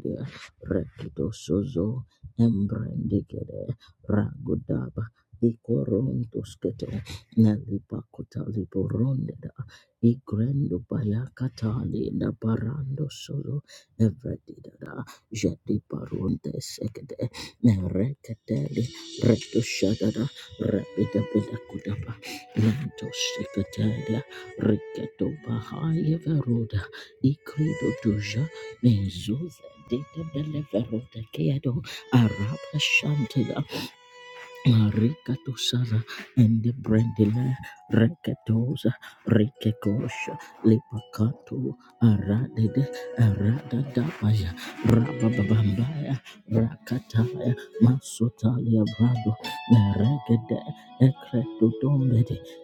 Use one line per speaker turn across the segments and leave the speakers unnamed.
Dia Rekido Sozo Embrandigede Ragudaba Ikorontuskete Nelipakota Liborondeda Igrendo Bayakatali da Barando Sozo Evredida Jedi Baronte Sekede Nerekateli Reto Shadada Rapida Bedakudaba Lento Sekatelia Riketo Bahaya Veroda Ikrido Mezuza data deliverota keado araba shantila Ricatosara and the Brandila Recatosa Ricacosha Lipacato Aradede Aradadabaya Rababambaya Rakataya Masotalia Brado Neregede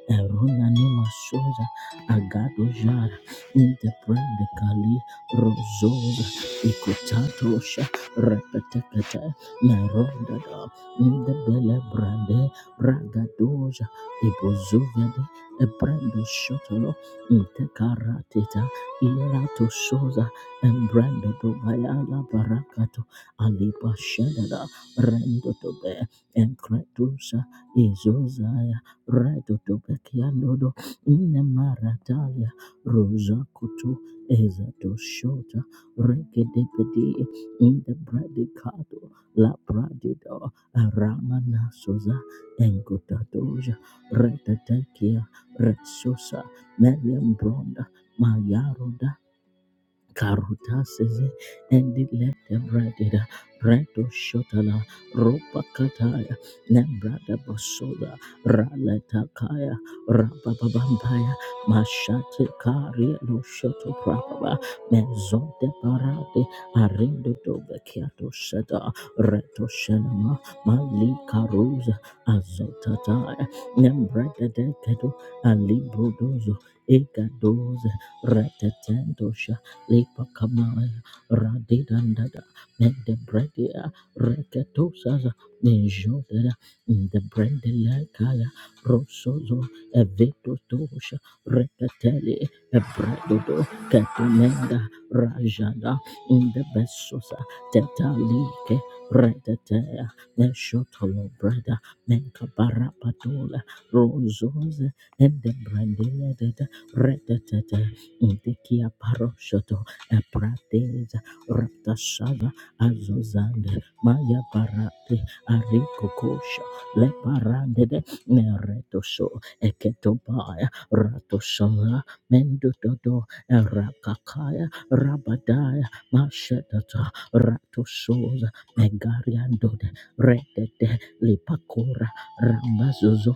Eruna Nima Sosa Agado Jara Intebrande Kali Rososa Icotatosa Repetecata Meronda in the Bele Brande, Bragadoja, Ibozuvede, Ebrando Shotolo, Intekaratita, Irato Soza, Embrando Bayala Barakato, Aliba Shedada, Rendo Tobe, Encretusa, Izozaya, Redo Tobekianodo, Inemaratalia, Rosa Kutu, Ezato Shota, Regedepedi, in the Bradicato, La Bradido, Aramana Sosa Engodadoja Retatekia Resosa Meliam Bronda Mayaroda Karuta seze endi lete bradida bredo shotala ropa kataya nembrada basoda raleta kaya rabababambaya mashate kari lo shoto prababa mezote parade arindo doga kiato shada reto shenama mali karuza azotataya nembrada dekedo alibrodozo ekadoze retetendo Lipa Kamaya Radidandada Mende Bredia Reketosaza Minjodera the Brendele Kaya Rosozo Eveto Tosha Rekateli Ebredodo Ketumenda Rajada in the Besosa Tetalike Retetea Neshotolo Breda Menkabarapatola Rosoze and the Brendele Retete Intikia paroshoto eprateza raptashava azuzande maya parate arikokosha leparandede neretosho eketobaya ratoshava mendododo erakakaya rabadaya mashetata ratoshoza megariandode redede lipakora rambazuzo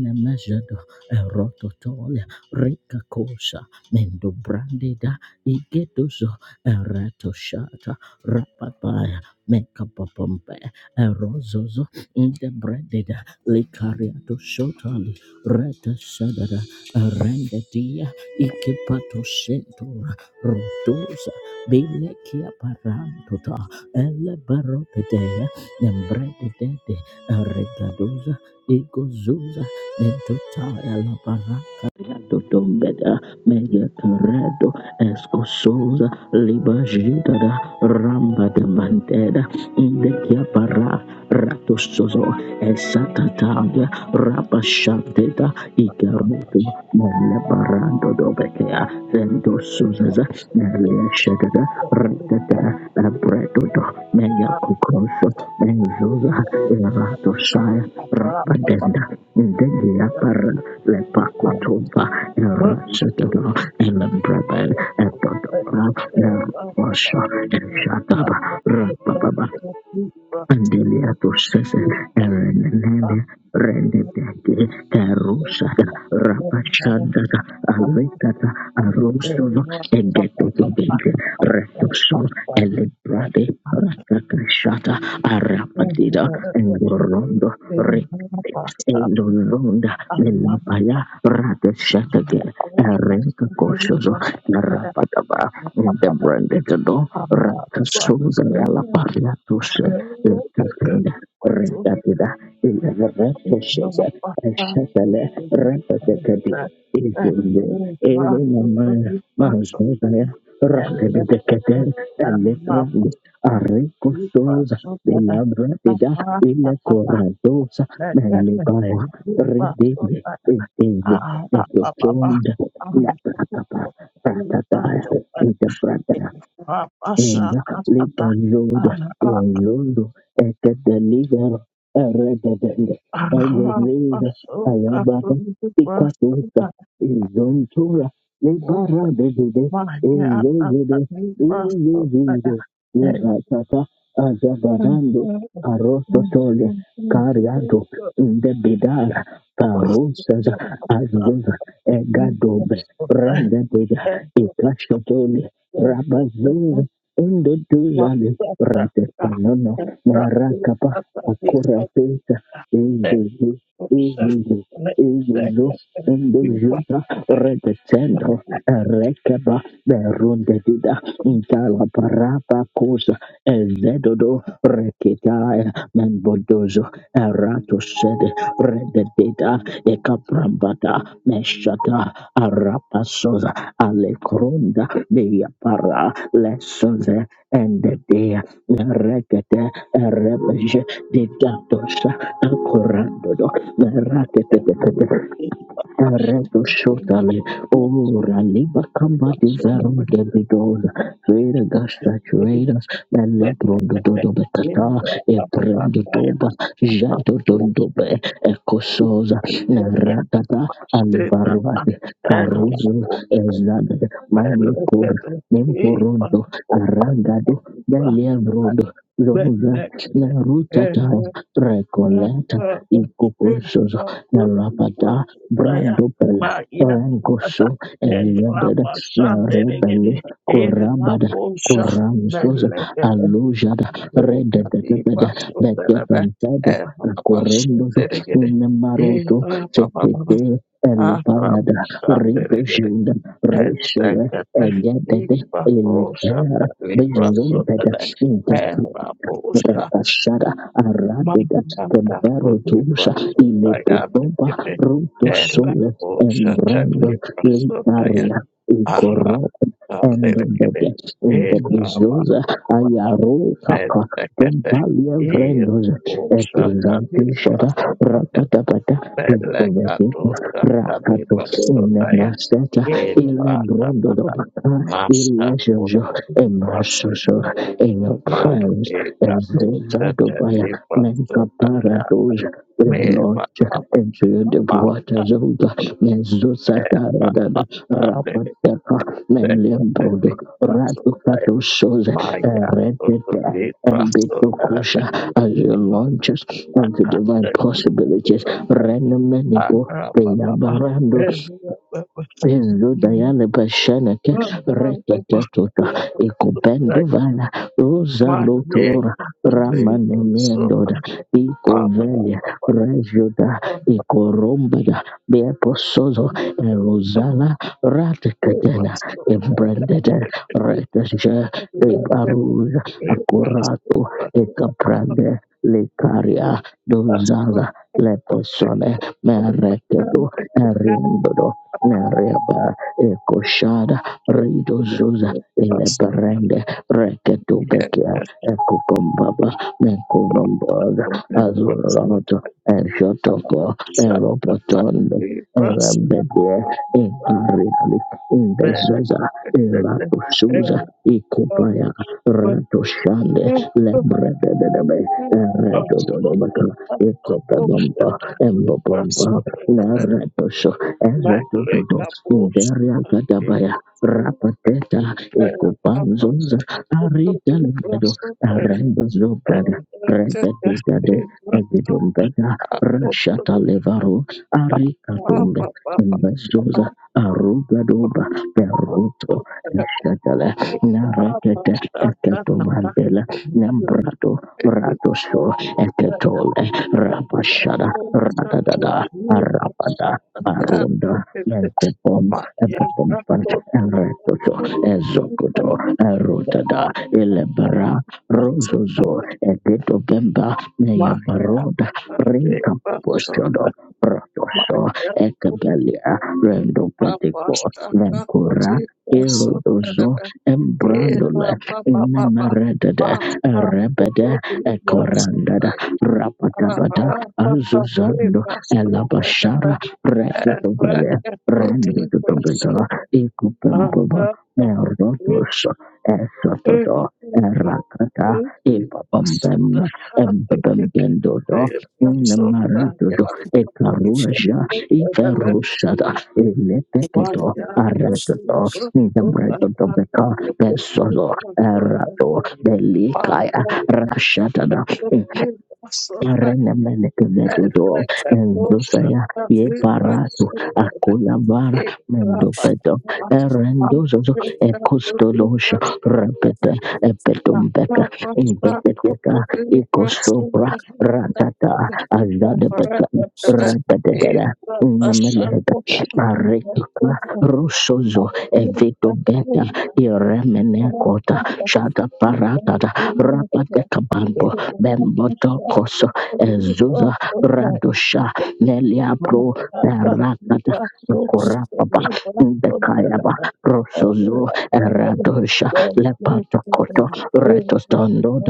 nemejedo erototole rikakosha Mendo brandida igeduzo erato shata rapapaya mekapapampe erozozo inde brandida likariato shotali reta sadada erendedia ikipato sentura rotosa bilekia parantota ele barotetea nembrandidede eregadoza igozuza mentotaya la baraka la dodombeda Megeteredo escososa da ramba de mantera indekia para ratososo esatataga rapashateta
Thank
ikarutu melebarando dobekea sendosuzaza neleshadada ratata abredodo meyakukoso Menzuza Eratosaya Rabadenda Ndegia Para Lepakutuba Erasatado Elebrabe Etodoro Nerosha Eshadaba Andelia Tusses, Ellen Nele, Rendedeke, Carusata, Rapachadata, Alicata, Arosuno, Egetobinke, Retoso, Elebrade, Rakakashata, Arapadida, Endorondo, Rick.
you.
Endolonda,
Thank
Melapaya, Rateshatake, Erenka Koshozo, Rapataba, the branded door, Rakasuza,
you.
Alaparia Lutakunda Rentatida Ilavaratoshas Ashatale Rapatekadi Izundu Ilinamaya Mahasmudaya Rakadekate Eletrandi Arrico Sosa Ilabratida Ilacoradosa Melibaya Ridini Idivi Netrotonda Laprakapa Ratataya Itabrata Ndatli
Rabashakatata,
Bayoda Rolondo Ekadeliver Erededende Egezeza Ayabata Pikatusa Izontura Lebara Dedede Ezezede Izezize Iratata Azabarando Arosotole Cariado Ndebidara Parosaza Azuza Egadobe Rendebida Ikashotole Undoduzane rentetelona
Thank
narakapa akurapenta inzuzi izinzu izinzu undozuta retetendo
you.
rekeba berundedida ntalaparapa kusa ezedodo rekitaya menbodozo eratosede rededida ekaprambata meshata arapasoza alekronda meyapara Lessons and the day Rakata Rabaja de Gatosha Ancorando Rakata
Thank
Reto shotale ora liba kamba di vero de bidoza veda gasta chuedas e lebro do do do betata e prendo doba jato do do be e cososa na ratata alibarvate caruso e zade manie cor nemporondo arragado belebrodo Rosa, Naruta, time,
you.
Recoleta, Incubosos, Narapata, Brando Bradopela Rangosho Ereded Merebele Korabada Koramsos Alujada Redetepede Betepentado Korondoso Nemaroto
Thank
Sekete Elipayada Ridoshiunda Rishoda Egedede Iletera Bizumpede Rapashada Aradida
Mamlaka
Temperetusa
kuyibhasontaya
Ilepotoba
mtekete
Ruto
era
Sole
kushata
Embrando
kuyibhasontaya
Litaria
aha
Ikoro and the
amberekete
death in the
era
bezos
basa basa
ayaro kaka
mtekete
tempalia
ir
vrendos
kushata
etuzantisha
kuyibhasontaya
rapatapata
beleka
pipovetina
tushata
rakatos ile
kuyibhasontaya
maseta ile
era
brondodobaka
masa
ile jojo
kushata
emasoso
kuyibhasontaya
in your prayers
mamlaka
as they
tushata
zadobaya menka
kuyibhasontaya
parados Lodge into the
my
waters of the Mezusa Darada Melembrodo, Raducato shows Eredita and Bitokosha as you launch us into divine possibilities. Renomenico, Beyabarando, Zudayana Bashanaka Rekatatuta Ikobenduvala Rosa
yeah,
Lotora Ramana Mendoda Ikovelia Rejuda Ikorombada Beaposozo Rosala Ratakatena Embrandada Retasha Ebaruja Akurato Ekaprande Lekaria
My
Dozaza Lepesone Mereketo Eriendodo Nereba Ekoshada Rido Zuza Ileberende Reketubekia Ekukombaba Mekubomboga Azurato Eshotoko Eropotonde Erabede Egriali Indezaza Eratusuza Ikupaya Ratoshande Lebredebe Eretodobaka Ikopabomba Embobomba Neratoso
leg
ezodododo
up,
uderiagadabaya rapateta ekopanzonza arigalvedo
I think,
arembezobrada regedegede egidombeda rashatalevaro arikatombe imbezoza arugadoba peruto eshatale narekede eketomandela nembrato ratoso eketole rabashada radadada arabada Maronda, Menkopom, Enkopompan, Enretoto, Ezokoto, Erotada, Elebara, Rozozo, Egeto Gemba,
Maya, Maya,
Neyabaroda, Rinka Poshodo, Protoso,
Maya,
Ekebelia, Rendo Petipo,
Basta
Venkura,
kakuzita
Erodozo, Embrandole, Inemeredede, Erebede, Ekorandada, Rapatabata, Azuzando, elabashara. Rekatogale, Rendotogata, Ikukumbaba, Merdotos, Esototo, Erakata, Ibabambem, Embabembendodo, Namaratodo, Ekaruja, Iferusada,
Thank
Eleteketo, Aratoto, Nabretotobeka, Pesozo,
Thank
Erato, Delikaya, Rashatada, Renemenekevedodo, Endosaya, Yeparatu, Akulabara, Mendopedo, Erendozozo, Ekostolosha, Repete, Epetumbeka, Impeketeka, Ikosobra, Ratata, Azadepeka, Repetedera. Nemeleta, Aretuka, Rosozo, Evito Beta,
you.
Iremenekota, Shata Paratata, Rapate Kabambo, Bemboto Ezuza Radosha Lelia
My
Pro Perakata Kurapapa Bekayaba Rosozo Radosha Lepatokoto Retostondo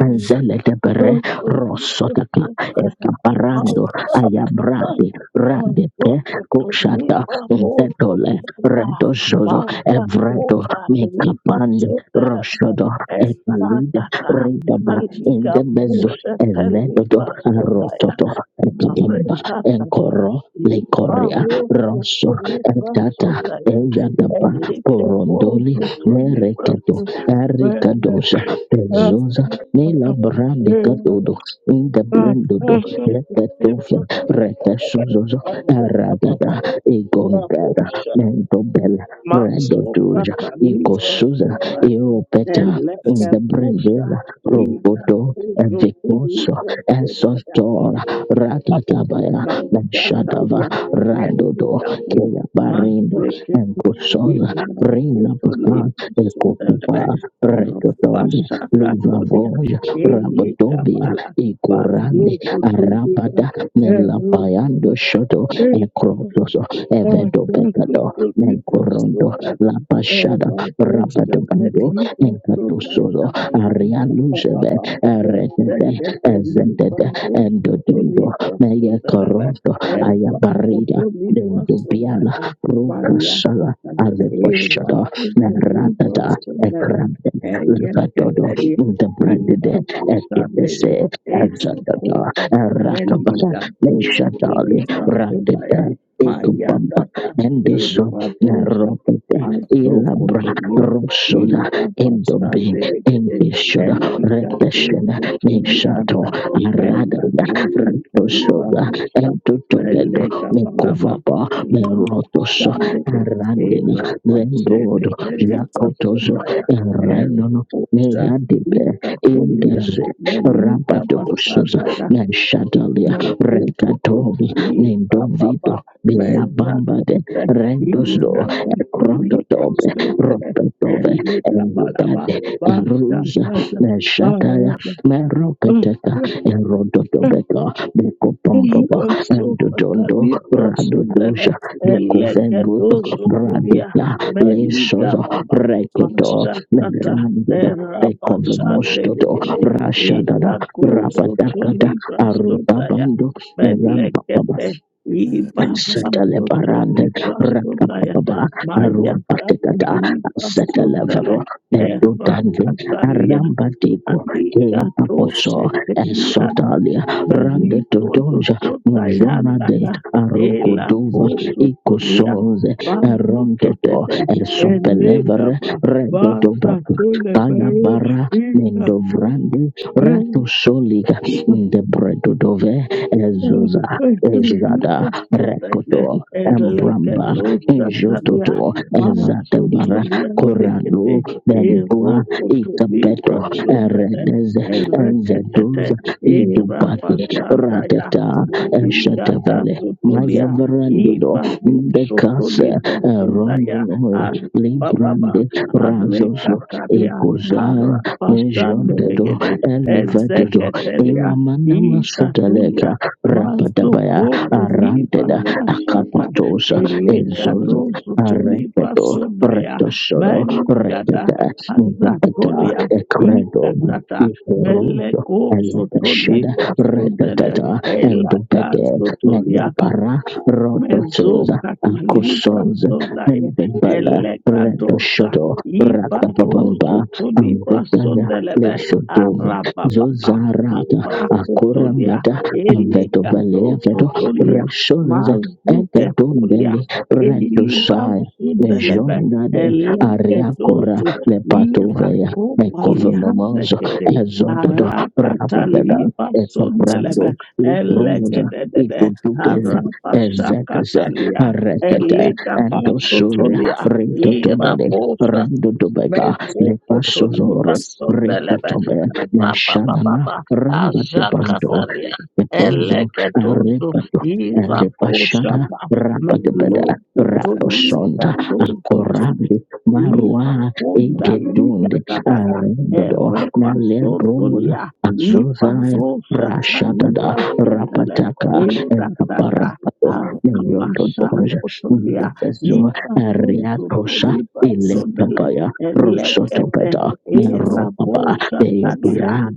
Anzele de bere rosotaka ekaparando
God,
ayabrade rande pe
Mazokoto
koshata
lipa moto
intetole
tena.
redo zozo
Mabla
evredo
kota lipa
mekapande
sota la
roshodo
eh
ekalide
patata
ridaba
malika
indebezo
boshe
evedodo
lipa sota ya.
arototo ekabamba
Mabreka tata
enkoro
lipa
lekoria
moto
rosso
lipa
etata
sota ya.
ejadaba
Elite
porondoli
pozo
nereketo erikadosa Nela brande gadodo inda brandodo lekatofia rekasuzozo aragada egongada
Rabosha
mentobela
Masoka
redodoja
Talifa
ikosuza
Suba and
iropeta
Leka
inda
Busha
brandela
Lida
robodo
Kuzo
evikoso
Tulibra Sundaya
esotora
Baba
ratatabaya
Mansata
menshadava
Ya
radodo
Erika Bu
keya barindo
Mazreket
enkosoza
Imina
rina
Kuto
pakan
Libra
ekopepa
Sundaya
redodondi
Pasha Katolia
Livavoya
Ele
Rabadobia
Kabala
Igorande
Bazo Kuto Libra
Arabada Melapayando
Eruka
Shoto Ecrotoso
Oh,
Evedo
thank you
Becado
for you so
Mencorondo
that and
Lapashada
I go shut that
Rabadabando
he was so
Encatusozo
by
Arialuseve
Baba that
Eredede
he
Ezedede
was also to
Endodendo
Libra so
Meya
that
Corondo
I and what could
Ayabarida
to Libra so that
Dendobiana
by
Rucasala
Yakata Eva
Aleboshada
could to Libra
Neratata
so that
Ekrande
I and
Lavadodo
Yakataria
the branded
Eva
and it is
Babsandele
a
Esa
Jatata
Costa
Rakabala
Melida Bruce to
Meshatali
Libra
Ratita Ekubamba
Mayatata
Endoso
Ebratosa
Naropete Ilabra
Mazokotoli
Rosoda Endobe
Irapasandelegede
Engishoda
Eligato
Reteshena Meshato
Kotolianda
Radada
Mela Kosotoli
Ratosoda
Mahusa
Entotogedo
Meleka Balaba
Mekovapa Merotoso
Sandele
Arandina Lendodo
Ebrapaseketeli
Jacotoso
Basundaya
Randon,
Erosa
Yadibe
Ita Tolia
Idas
Meliga
Rabatokususa Neshadalia
na zukutu
Rekatobi
i
Nindovido
papa
Bia
meza
bamba de
kote i
Rendosdo
rakutu libra
Ekrototobe
stupele
Ropetove
eleka palaba
Engubade
basta
Eruza
kata
Neshataya
paraba
Meroketeka Erodotobeka Bekopombaba Endodondo Radodoja Dukovendut
Elegedozutulia
Radeka
meliga
Lesozo
baba
Rekoto
mashakata
Neverandoda Ekove mostoto
erabashandelegede
rashadada rapatakata
ilakozutulibasodaya
arubabando na yamba baba
melegete
Settle barande
ibarantotolibasodaya
rakapapa
mayakata
aruapatekata settle
libasodele
vero medu dande
erakatalia
aramba dego ye
Alikato
paposo e
sheteliana
sotalia rande to
meliko
donja mujona de
dosotayanaka
arugo
ela
dova
kosutolia
ikosonze erondoto
bazuketete
esopelevere
enekaba
redodo baka kaya
basatulebero
bara mendo
ikatu
vrande rato soliga de bredodove ezoza ezada.
Sotele
Rekoto Embramba
Elekadosakalia
Injototo Ezatabara Korano
Masutoliandikete
Bendua Ikapeto
Irokotolibra Sumbede
Eredez
Ereketete
Enzedoz Idubati
Irabashandaya
Ratata
Mahindada
Eshatavele Maya
Sotolia
Verandodo
Ibarim
the Casa
Sotolibra Sundaya
Roninoi
Arababa
Librande Razoso
Arekatalia
Ecosa Mejondedo
Arabashandelegede
Elivedodo
Ezeketelia
Iramanama
Itatulia
Sotaleka Rapatabaya
Mazokoto liba
aranteda
rasata
akapatosa elzoza
elegado zotoliba
areketo
sodaya
retosoro
meligada
reteta ngepeta
azatolia
ekredoma
ikatata
ikorozo
melego
elepeshada
sotoliba sondele
retetata endupete
elagazotolia
megapara rotosoza
Mezuka Taliba
akosoza
Sundaya
endubala
Elekadosha
retoshoto ratapapamba
Ibaroso Tolibra
angotaya
Sundelebe
leshodova
Arababa
zozarata
Mabrako Tolia
akorambata Veto Balea
Elegadoso
veto
Tolia
Reshones
Mazuke Polia
Egedondeli
Eliba
Redusai
Sundelebe
Lejondade Ariakora
Elegadoso
Lepatovea
Irako Paliande
Ecovemomoso
Kete
Ezododo
Arakata
Rabadada
Liba Sundelebe
Ecoprando Liprosa
Elegede
Icutugeza Ezetese
Arabasakatalia,
Eretete
Elita
Endosule
Pasotolia, Ira
Rintotobele Rendotobeka
Mezokotoliba
Lepasozore
sondelebe
Ripotobe Neshanana
rabababa
Rambatebando
ajakatalia
Ecozo
elegetuzu
Elevashada
iraposhata
Rabagabada
melokotoliba
Rabosonda
tozotoli
Akorabi Marwa
ipakonda
Egedunde
ligadadada
Arendodo Malebrosa
erepasotolia
Azozaya
iparoshata
Rashadada
librasondele
Rapataka and
ezatata
Kaparapato Neyotodoja
arapashakotolia
Ndebezo
iparozoto
Ariatosa Ile
librasondele
Kapaya
elekete
Rosotopeta Meropaba
eraposatalia
Deobara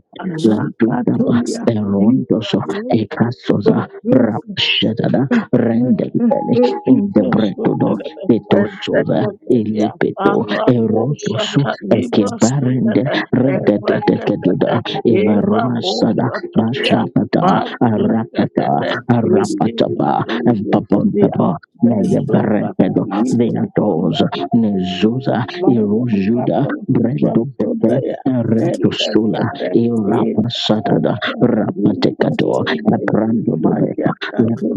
Landudaba
rakatolia
Erondoso
ibaho
Ekasosa
ibaro
Rapshadada
baroka
Rendelbele in the Bretodo
ibrasotelebe
Petosuza
edeketelia
Ilipeto Erotosu
araposata
Ekebarende
librasutele ereketete
Rededededuda Evaruasada
eraposatalia
Bashatata Arapata
bazuketete
Arapataba
iligatozotolia
Empapampapa Negebarentedo
mesotata
Veatos Nezuza
Maya
Erojuda Brendo Pepe Eretosula Irapasada Rapatekato Aprando dobe,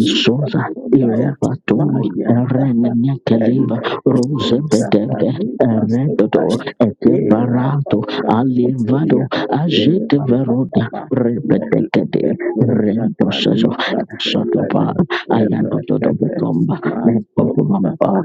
Sova Irobato Eren Nyakaliva Rose Bedebe
Maso
Redodo Ekebarato Alivado Ajete Veroda Rebedekede Rendosazo Sotoba Ayadodo Becomba
Papa
Nepopumamba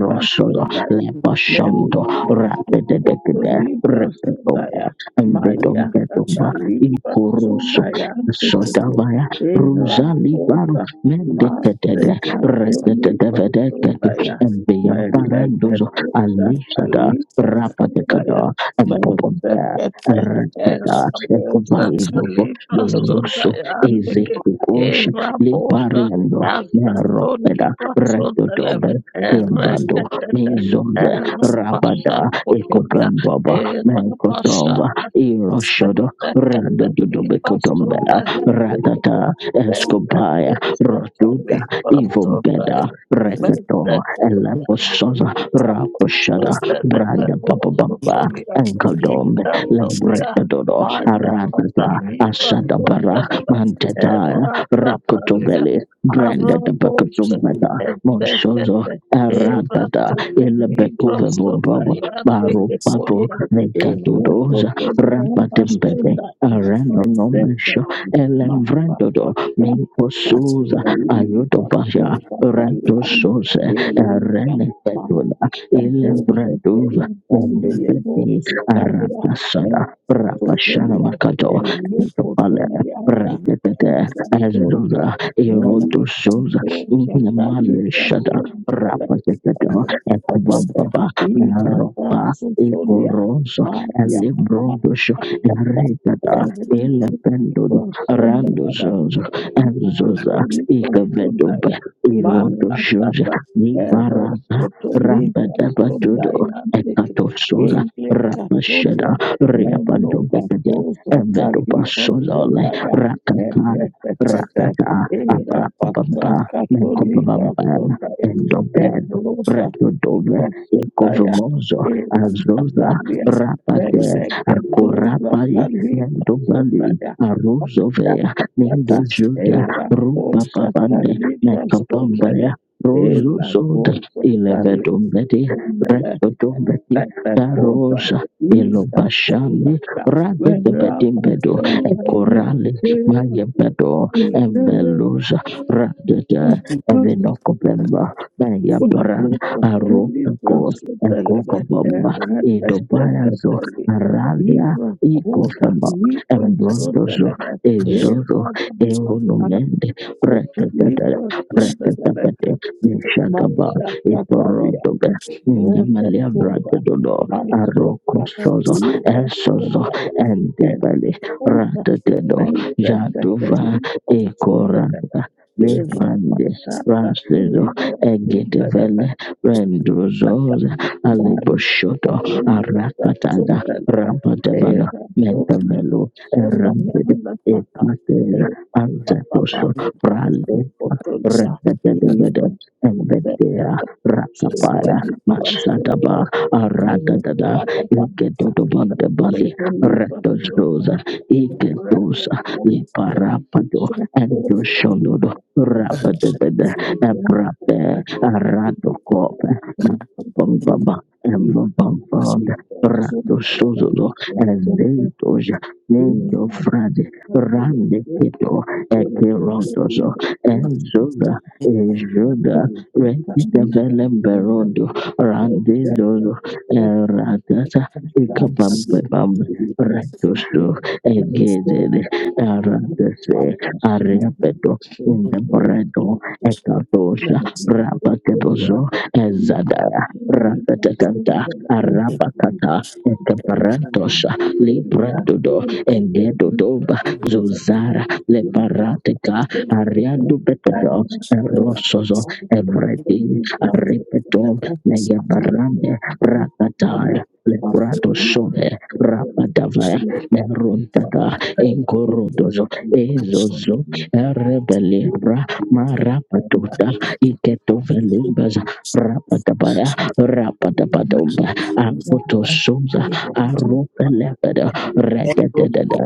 Rosodo Lepashondo Rapedekede
Melekotolipa
Repetobe
sodaya,
and the Dombetumba
mayakatalipa sodaya, tekete,
Sodavaya Rosali Baru
erakota,
Mendekatede
masekatolipa
Redededededede
sodaya,
and the Emparandozo Alishada
meleketosatalipa sodaya,
Rapadekada and Popompa
mesekete,
Retada Epobaevo
erabosatalipa
del Russo
sodaya, teke,
Ezekukosha
erabosa,
Lipariando Neropeda
asatolipa sodaya,
Redodobe Kembado
erekete,
Mizonze Rabada Ekopamba Mekotova, Iroshodo, Rando Dudobekotombera, Radata, Escopaya, Rotuda, Ivogeda, Rekato,
Thank
Elepososa, Raposhada, Branda Papabamba,
Sotelebehosotolia,
Enkodombe,
Ikatolia,
Lebretadodo,
Maya
Aratata,
Pataliba
Asadabara,
Sotelebe,
Mantetaya,
Eratalia,
Rakotobeli, Branda
Arabose,
Bakotombeta, Monsozo,
Ezekete,
Aradada
Erakataliba
elebekove vombaba
Sodayande
baro papo
Ketolia,
mekadodoza rapatembede
Erukotolia that. that that
arenonomesho
my
elemvrendodo
my that that so
minkosuza ayodobasha
that and the
rentosose
that ma
erenepedula
se te
elevredoza
la grande le
mendopeti
bo su tabia
rapashana
e totolia
rapashanamakato
e loco
kapale
tolia anda
rentetete
e
ezoza
tolia Nelly
erodosoza
Castro Chasali
namaleshada
Passon
Rapa rapazekedo
and the
ekubambaba meropa
So
ikorozo
Maria,
elibrodosho enregada elependodo randozozo enzoza ikevedobe irodoshoza niparaza rambedebatodo ekatosoza rapasheda riapandobekede evedopasozole rakakan ratata aprapabamba menkopabamba Endobel,
Thank
Rekudove,
Pasutaya,
Ikovomozo,
Evan
Azoza,
Tasalia,
Rapate,
Meleketuza
Akorapai,
Taliba
Nendobali,
Sundaya, Makia
Aruzovea,
you.
Tasata,
Nindojuda,
working
Eran Kosa
Rubapapande,
Taliba Sundaya,
Nekapavaya, Rozo
Ela
Soda,
Kosa Taliba
Elevedombeti,
Sundaya,
Rekodombeti,
Pepe Kosa,
Tarosa,
Ita
Elobashani,
Kosa, Verapa
radedebedimbedo
Satania,
Ekorali,
Ela
Mayebedo, Embeluza, Radete,
Kosa,
Evinokopemba, Yabara
Kuli
Aroko
basudala bahera
Ekokobomba Idobayazo
basakatali
Aralia
liba kota
Ikofema
liba
as
Embrondozo
sudala
an
bahera
Ezoro
basakatali
Eronumende
kota
Rekatata
liba sudala basakatali
Rekatapate Nishakaba Iporodoga
liba
Nyamalia
kota
Bragadodo Aroko
basakatali
Sozo
service
liba
Esozo
sudaya
Endebali Ratatedo
Papa,
Jatuva Ekoranda
to the study
Leprande Ransledo Egetevele Rendrozoza Aleboshoto Arakatada Rabatevana Mentavelo Erendid Ekatera
Papa, Papa,
Anzetosho Pralita Rendetevede Embetea
as
Rakapaya
a
Masataba Aratada Iketotobandabali Retozoza Iketosa
Papa,
Liparapado
Thank
Endoshonodo Rabatevede Ebrape, Aratokope, Bamba, Embambamba, Rato Suzulo, Eventoja, Nendo Frade, Rande Keto, Ekerotoso, Enzoga, Ejoga, Rekita Velemberondo, Rande Zolo,
you. Thank
Eratata, Ikabambam, Retosu, Egede, Aratase, Areapeto, in the Bredo Ekatosha Rabakebozo Ezadaya Rabatakanta
you.
Arabakata
Thank
Ekaparantosha Libredodo Engedodoba Zozara Leparateka Ariando Beketo Rosozo Evredi Repetom Megabarande Rakataya Leprado Shove Rapatavaya Neruntaka Enkorodozo Ezozo Rebele marapatota iketovelimbaza rapatabaya rapatapatomba apotosoza arupelepeda redededede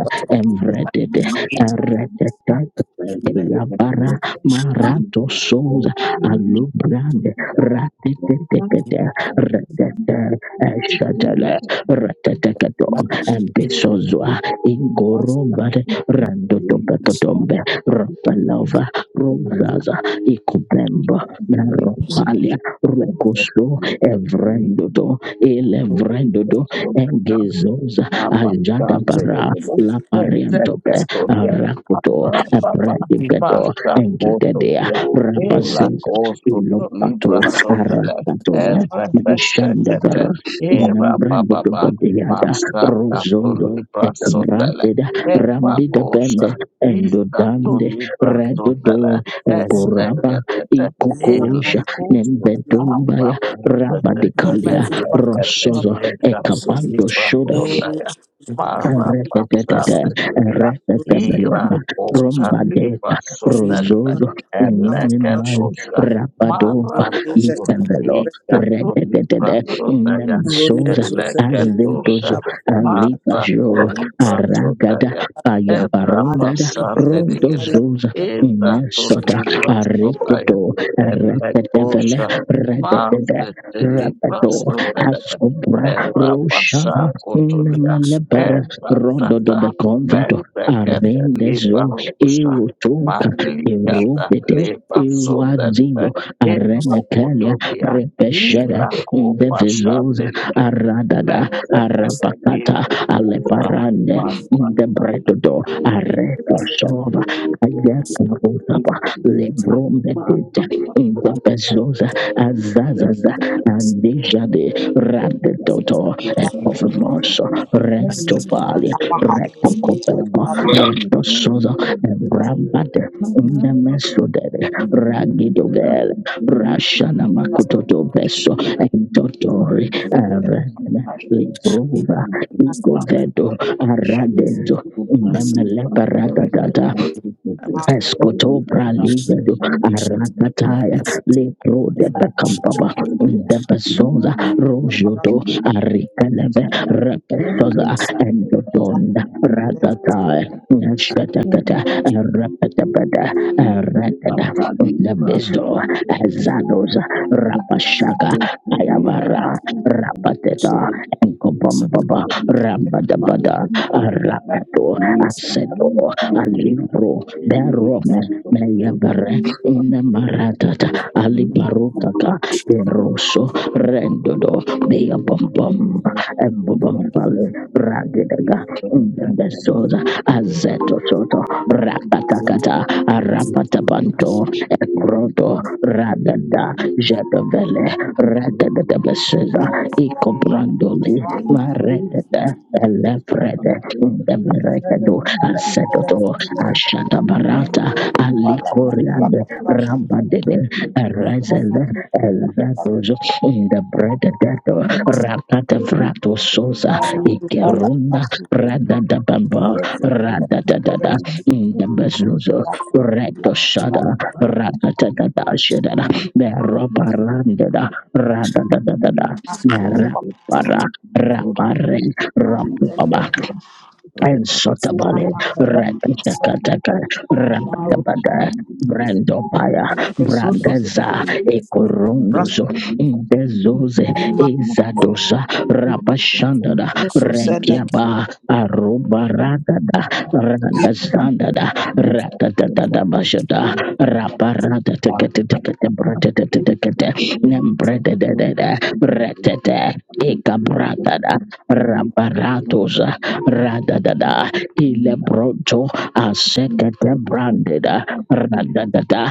you.
emredede erededede
Thank
Yabara marato souza alubrande ratetetekete retete eshatele reteteketo embisozwa ingorombare randotopekotombe rapalova Rosaza Ikubemba Naropalia Rukoso Evrendodo Elevrendodo
you.
Engezoza Ajada Bara La Pariantope Arakuto
Thank
Aprendibedo Engidedea
elä
Rabazeza
Libra
Ilopato
Sondale,
Arakatome
Efrepeshekete,
Meshandavara
Eva
Nambrendodo
Baba,
Bediada
Basa Tato
Rosondo
Libra Sondale,
Ekratida
Eva
Rambida
Bosa,
Bende
Ita to
Endodande
Libra
redodo
Sondale,
egoraba
Ezekete, Ela
ikokosha
Costo, Abba
nembedombaya rabadikalia
Bosete,
rosozo
Ekatesheka
ekabando
kulipa
shoda
sondaya.
you.
Mara
His
Arretetete,
pasate tebia. Ira
erretetebelema,
kota lipa
rombadeta,
sondaya.
rozozo, neminal,
Elekatosha. Mara
rapadova,
toto.
itebelo,
Ika tulipa
retetete,
sondaya.
nemisoza,
Elekatosha.
azetozo,
Mata
alipajo,
tulipa
aragada,
sondaya. Ebra
ayabarundada,
pasande negede.
rondozoza,
Eda
nesota,
tulipa sondaya.
arreteto, retetevele,
Elekosha.
retetete,
Maziteli
rapato,
basundebe
asobra,
Eva basha
roshana,
kotulia
Nemelebere,
Eva tata
Rododobeconvedo
mezekete liba
Arendezo
rusha
Irutunka
malikata
Irubide
liba sundelebe
Iruazino
Evo
Arenekelia
kotulia
Repesheda
ila kupa
Ndevizosa
shandelikete
Aradada
mezekete
Arabakata
liba rusha
Aleparande in the
mazanta
bread door. Areto sova ayaka
kutulia
rotaba lebrom the data
Mazanta
in the bezosa azazaza
kutulia
and deja de radedoto
Thank
ekofemoso rectopali Rentosozo Brabade Nemesodere Ragidogel Rashana Makutoto Beso Entotori Arene Livrova
you.
Igovedo
Thank
Aradezo Nemeleparata Escotobra ligado arakataya lebro de becampaba de bezoza rojoto arikaleve repesoza endodonda ragataya neshatakata repetabada erekada de bezo ezadoza rapashaka ayavara rapateta enkobombaba
you. Thank
rambadabada arakato aseto alibro berome meyabere nemaratata alibarukaka eroso rendodo beyabombom embobombale radedega ndebesoda azetosoto rakatakata arapatapanto ekrodo radada jebele jedovele radedebeseda
you.
ikobrandoli
Thank you.
Elevrede Debereketo Asetoto Ashatabarata Ali Koriande Rambadebe Erezele Elvetozo in the Bredegato Rakata Vrato Sosa Ikerunda Radada Bamba Radadada in the Bezuzo Reto Shada Radadada Shedada Berobarandada Radadada Nerapara Raparen, Rapubaba, and Sotabale, Rakatakataka,
Thank
Rakatabada, Brandopaya, Brandaza, Ekorondoso, Indezoze, Ezadosa, Rapashandada, Rekiaba, Aruba Radada, Randazandada, Ratatada Bashada, Raparada Tekatekate, Bratatekate, Nembredada, Ratata, Ekabratada, Rabara. Satosa Radadada Ilebronto Asekete Brandeda Radadada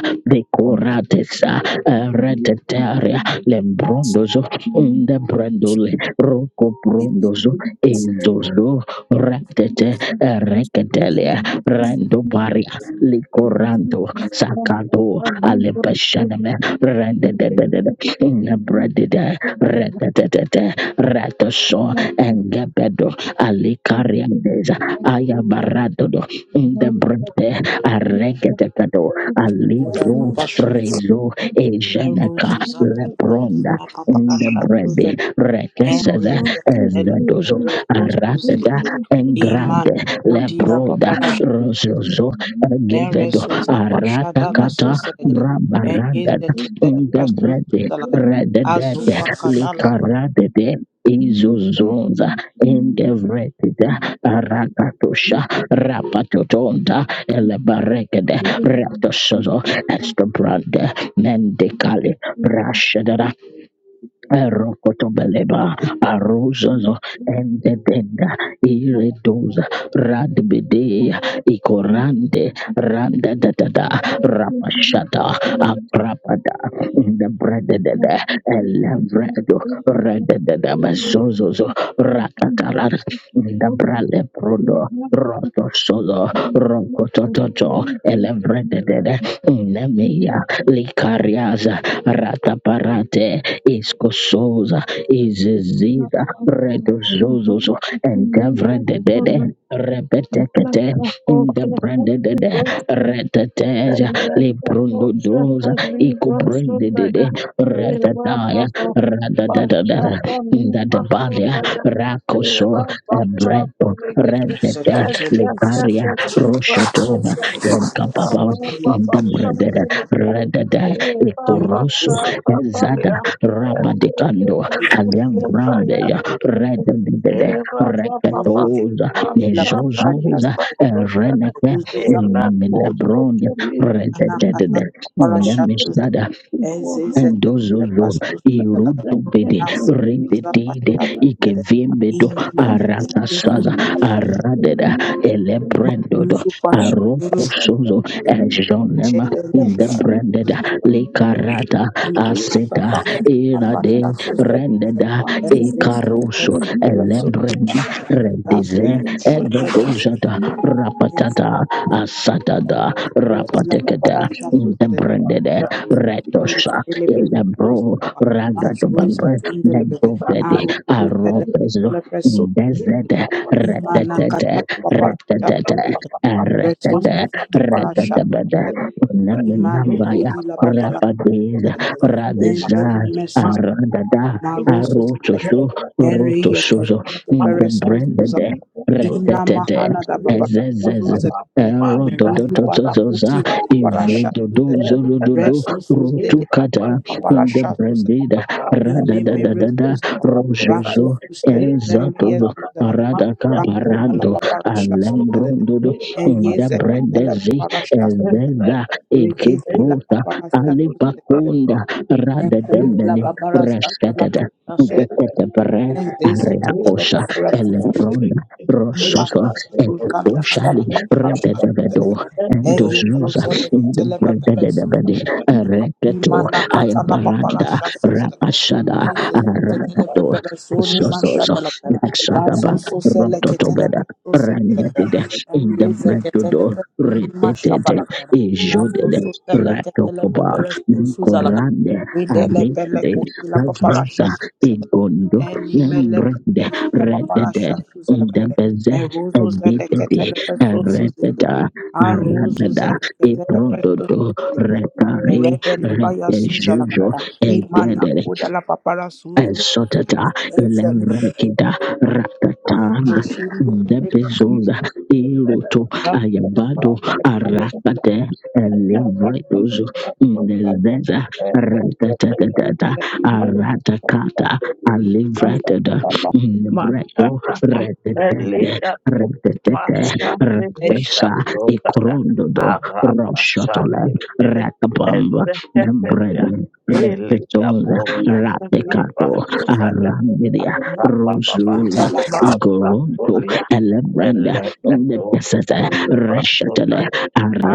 you.
Decoratesa
Thank
Retetaria Lembrondozo Unde Brandole Rocco Brondozo Indozo Retete Reketelia Rando Baria Licoranto Sakato Alepeshaneme Rendedede in Inabradida Retatata Ratoso Engebedo Alicariades Ayabaradodo Indebrete Aregetekado Alivo Rezo Egeneka Lepronda Indebrede Rekesede Ezedozo Aratata Engrande Lebroda Rosozo Egevedo
you.
Aratakata
Thank
Brabaranda in the bread, rededed, likaradede, izuzunza, in the bread, arakatosha, rapatotonda, elebarekede, reptosozo, estobrande, mendicali, rashada, Rokotobeleba, Arozozo, and the Denga, Iredoza, Radbede, Ikorande, Randa da da da, Rapashada, Akrapada, the Bredada, Elevredo, Redada, Mazozo, Rakatarada, the Brale prodo.
you.
Rakasala,
Thank
Rakototo, Elevredede, Nemia, Licariaza, Rataparate, Iscososa, Iziziza, Redozozos, and Devredede, Repetekete, in the Brandede, Reteteza, Lebrundodosa, Icobrindede, Ratadaya, Radadadada inda de balia rakoso ebreto redete lekaria roshotova
you. Thank
yenkapapa inda bredere redede ikoroso ezada rabadikando aliambrambeya redede reketoza mezozoza reneke nemilebron rededede nemisdada Endozolo irudubede rebedide ikevimbedo arakasaza aradeda
you.
elebrendodo
Thank
arokosozo ejonema ndebrendeda lekarata aseta irade rendeda ekaroso elebrendi redize egedozada rapatata asatada rapatekeda ndebrendede retosha elabro ragadobambe mendovede
you.
arobezo
Master,
ndezede retetete retetete retete retetebede neminambaya rabadeza radeza aradada arotoso rotosozo ndebrendede retetete ezezeze erododotozoza Ivredodo zorododo rotukata in the brandida
Thank
rada da da da da rojozo enzetodo rada cabarando alembrondodo in the brandezi ezeda ekiprota alipakonda rada dembele rescatada Tetebre ariakosa elebronda rososo ekakoshali rededevedo endozuza in the Indebrededebede, Ereketo,
you.
Ayabaranda, Rapashada, Arato, Sososo, Nexadaba, Rototobeda, Rendetide, Indebredodo, Retetete, Ijodede, Ratokoba, Nikorande, Abitade, Avenza, Igondo, Nembrede, Redede, Indebeze, Ebitede, Erededa, Aradada, Ibrododo Repare Regejujo Egedere Esotata Elerekida Rakatang Debezoza Iroto Ayabado Arakate Elivredozo Indezeza Ratatatata Aratakata
Massa,
Alivratada
massa, massa,
Nebreto
massa.
Retetete
Eliga,
Retetete
massa, sebika,
Retesa
sota da.
Ikrondodo
Araba, santi,
Roshotole
santi.
Rakabamba
Ezete, siliya.
Nambredo
Eliga,
Reketonda,
bosa, liba,
Ratekato,
sota ya.
Arandia,
Aba, aba, aba.
Rosuza,
Massa,
Igorondo,
soria,
Elebranda,
ellet,
on the
etu,
Pesata,
sotiba, sota
Reshatele,
ya.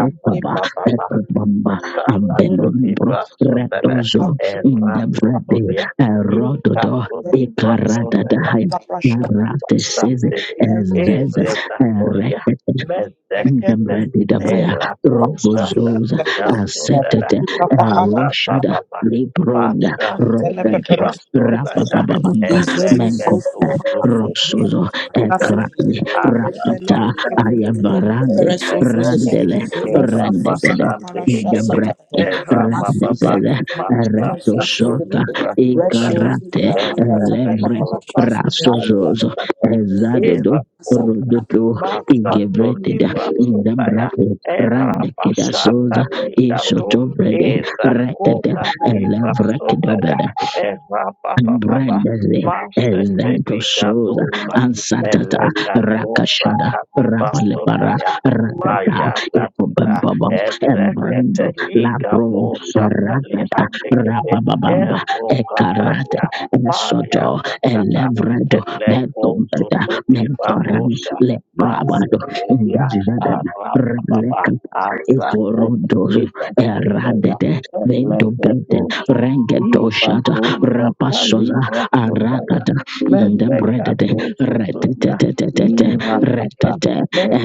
Aba, aba, aba.
Ekobamba, Abelumbro,
Shakatolibrasondeme,
Retozo, in the Vrede,
Eratotolia,
Rododo, Ekarada, the
Ikatolibrasondeme.
High. Narate says,
Sandili,
Ezez,
Irritaculia, Mendecate,
Ndabradidabaya,
Ela Pusa,
Rogozoza,
Talicatundela,
Asetete,
Abra
Roshada,
Papa,
Libronda,
Masha,
Rogada,
Felipa Sundaya,
Rapapapamba, Menkope,
Elegetusu, Felipa
Rosozo,
Sundaya,
Ekrani,
Abra
Rapata,
Pasandili,
Ayabarande,
Elegate,
Randele,
Eva
Rendedede.
Pasandili,
Debre,
Eva Papa,
Rendezede,
Masha,
Redosoka,
Felipa Sundaya,
Ikarate,
Eva
Lebre,
Pescopa,
Rasozozo,
Santa,
Ezadodo,
Eva Putra
Rodoto,
Masa
ingevredida
Libra Sundaya
ingambrate
Era
rande
Pasata
kedasoza
Vigato
isotovrede
Esa
retete
Kota Libra Sundaya
elevrekedobeda
Era Papa Papa
Brendeze
Masa
Ezento Sosa
Teligatosa
Ansatata
Melegatosa
Rakashada
Libra
Rapalepara
Sundaya
Rakata
Maya Tata
Ekobambabam Embrando
Ezekete Liga
Labro
Posa
Rakata
Talihamdikete
Rabababamba
Evo
Ekarate
Katania Paria
Esoto
Tata.
Elevrando
Eleko
Betombeta
sotobi
Menkoran
barosa.
Leprabado
Masiteria
Indazada
arababa
Lekat Ekorondo
azakotobiba sodaya.
Eradete Ventobete
Elegedosa
Rengeto
ibarosa
rapasoza
talibra sodaya.
aragada ndebredede
Melegadoso tobia
retetetetete retete
irasata.
retete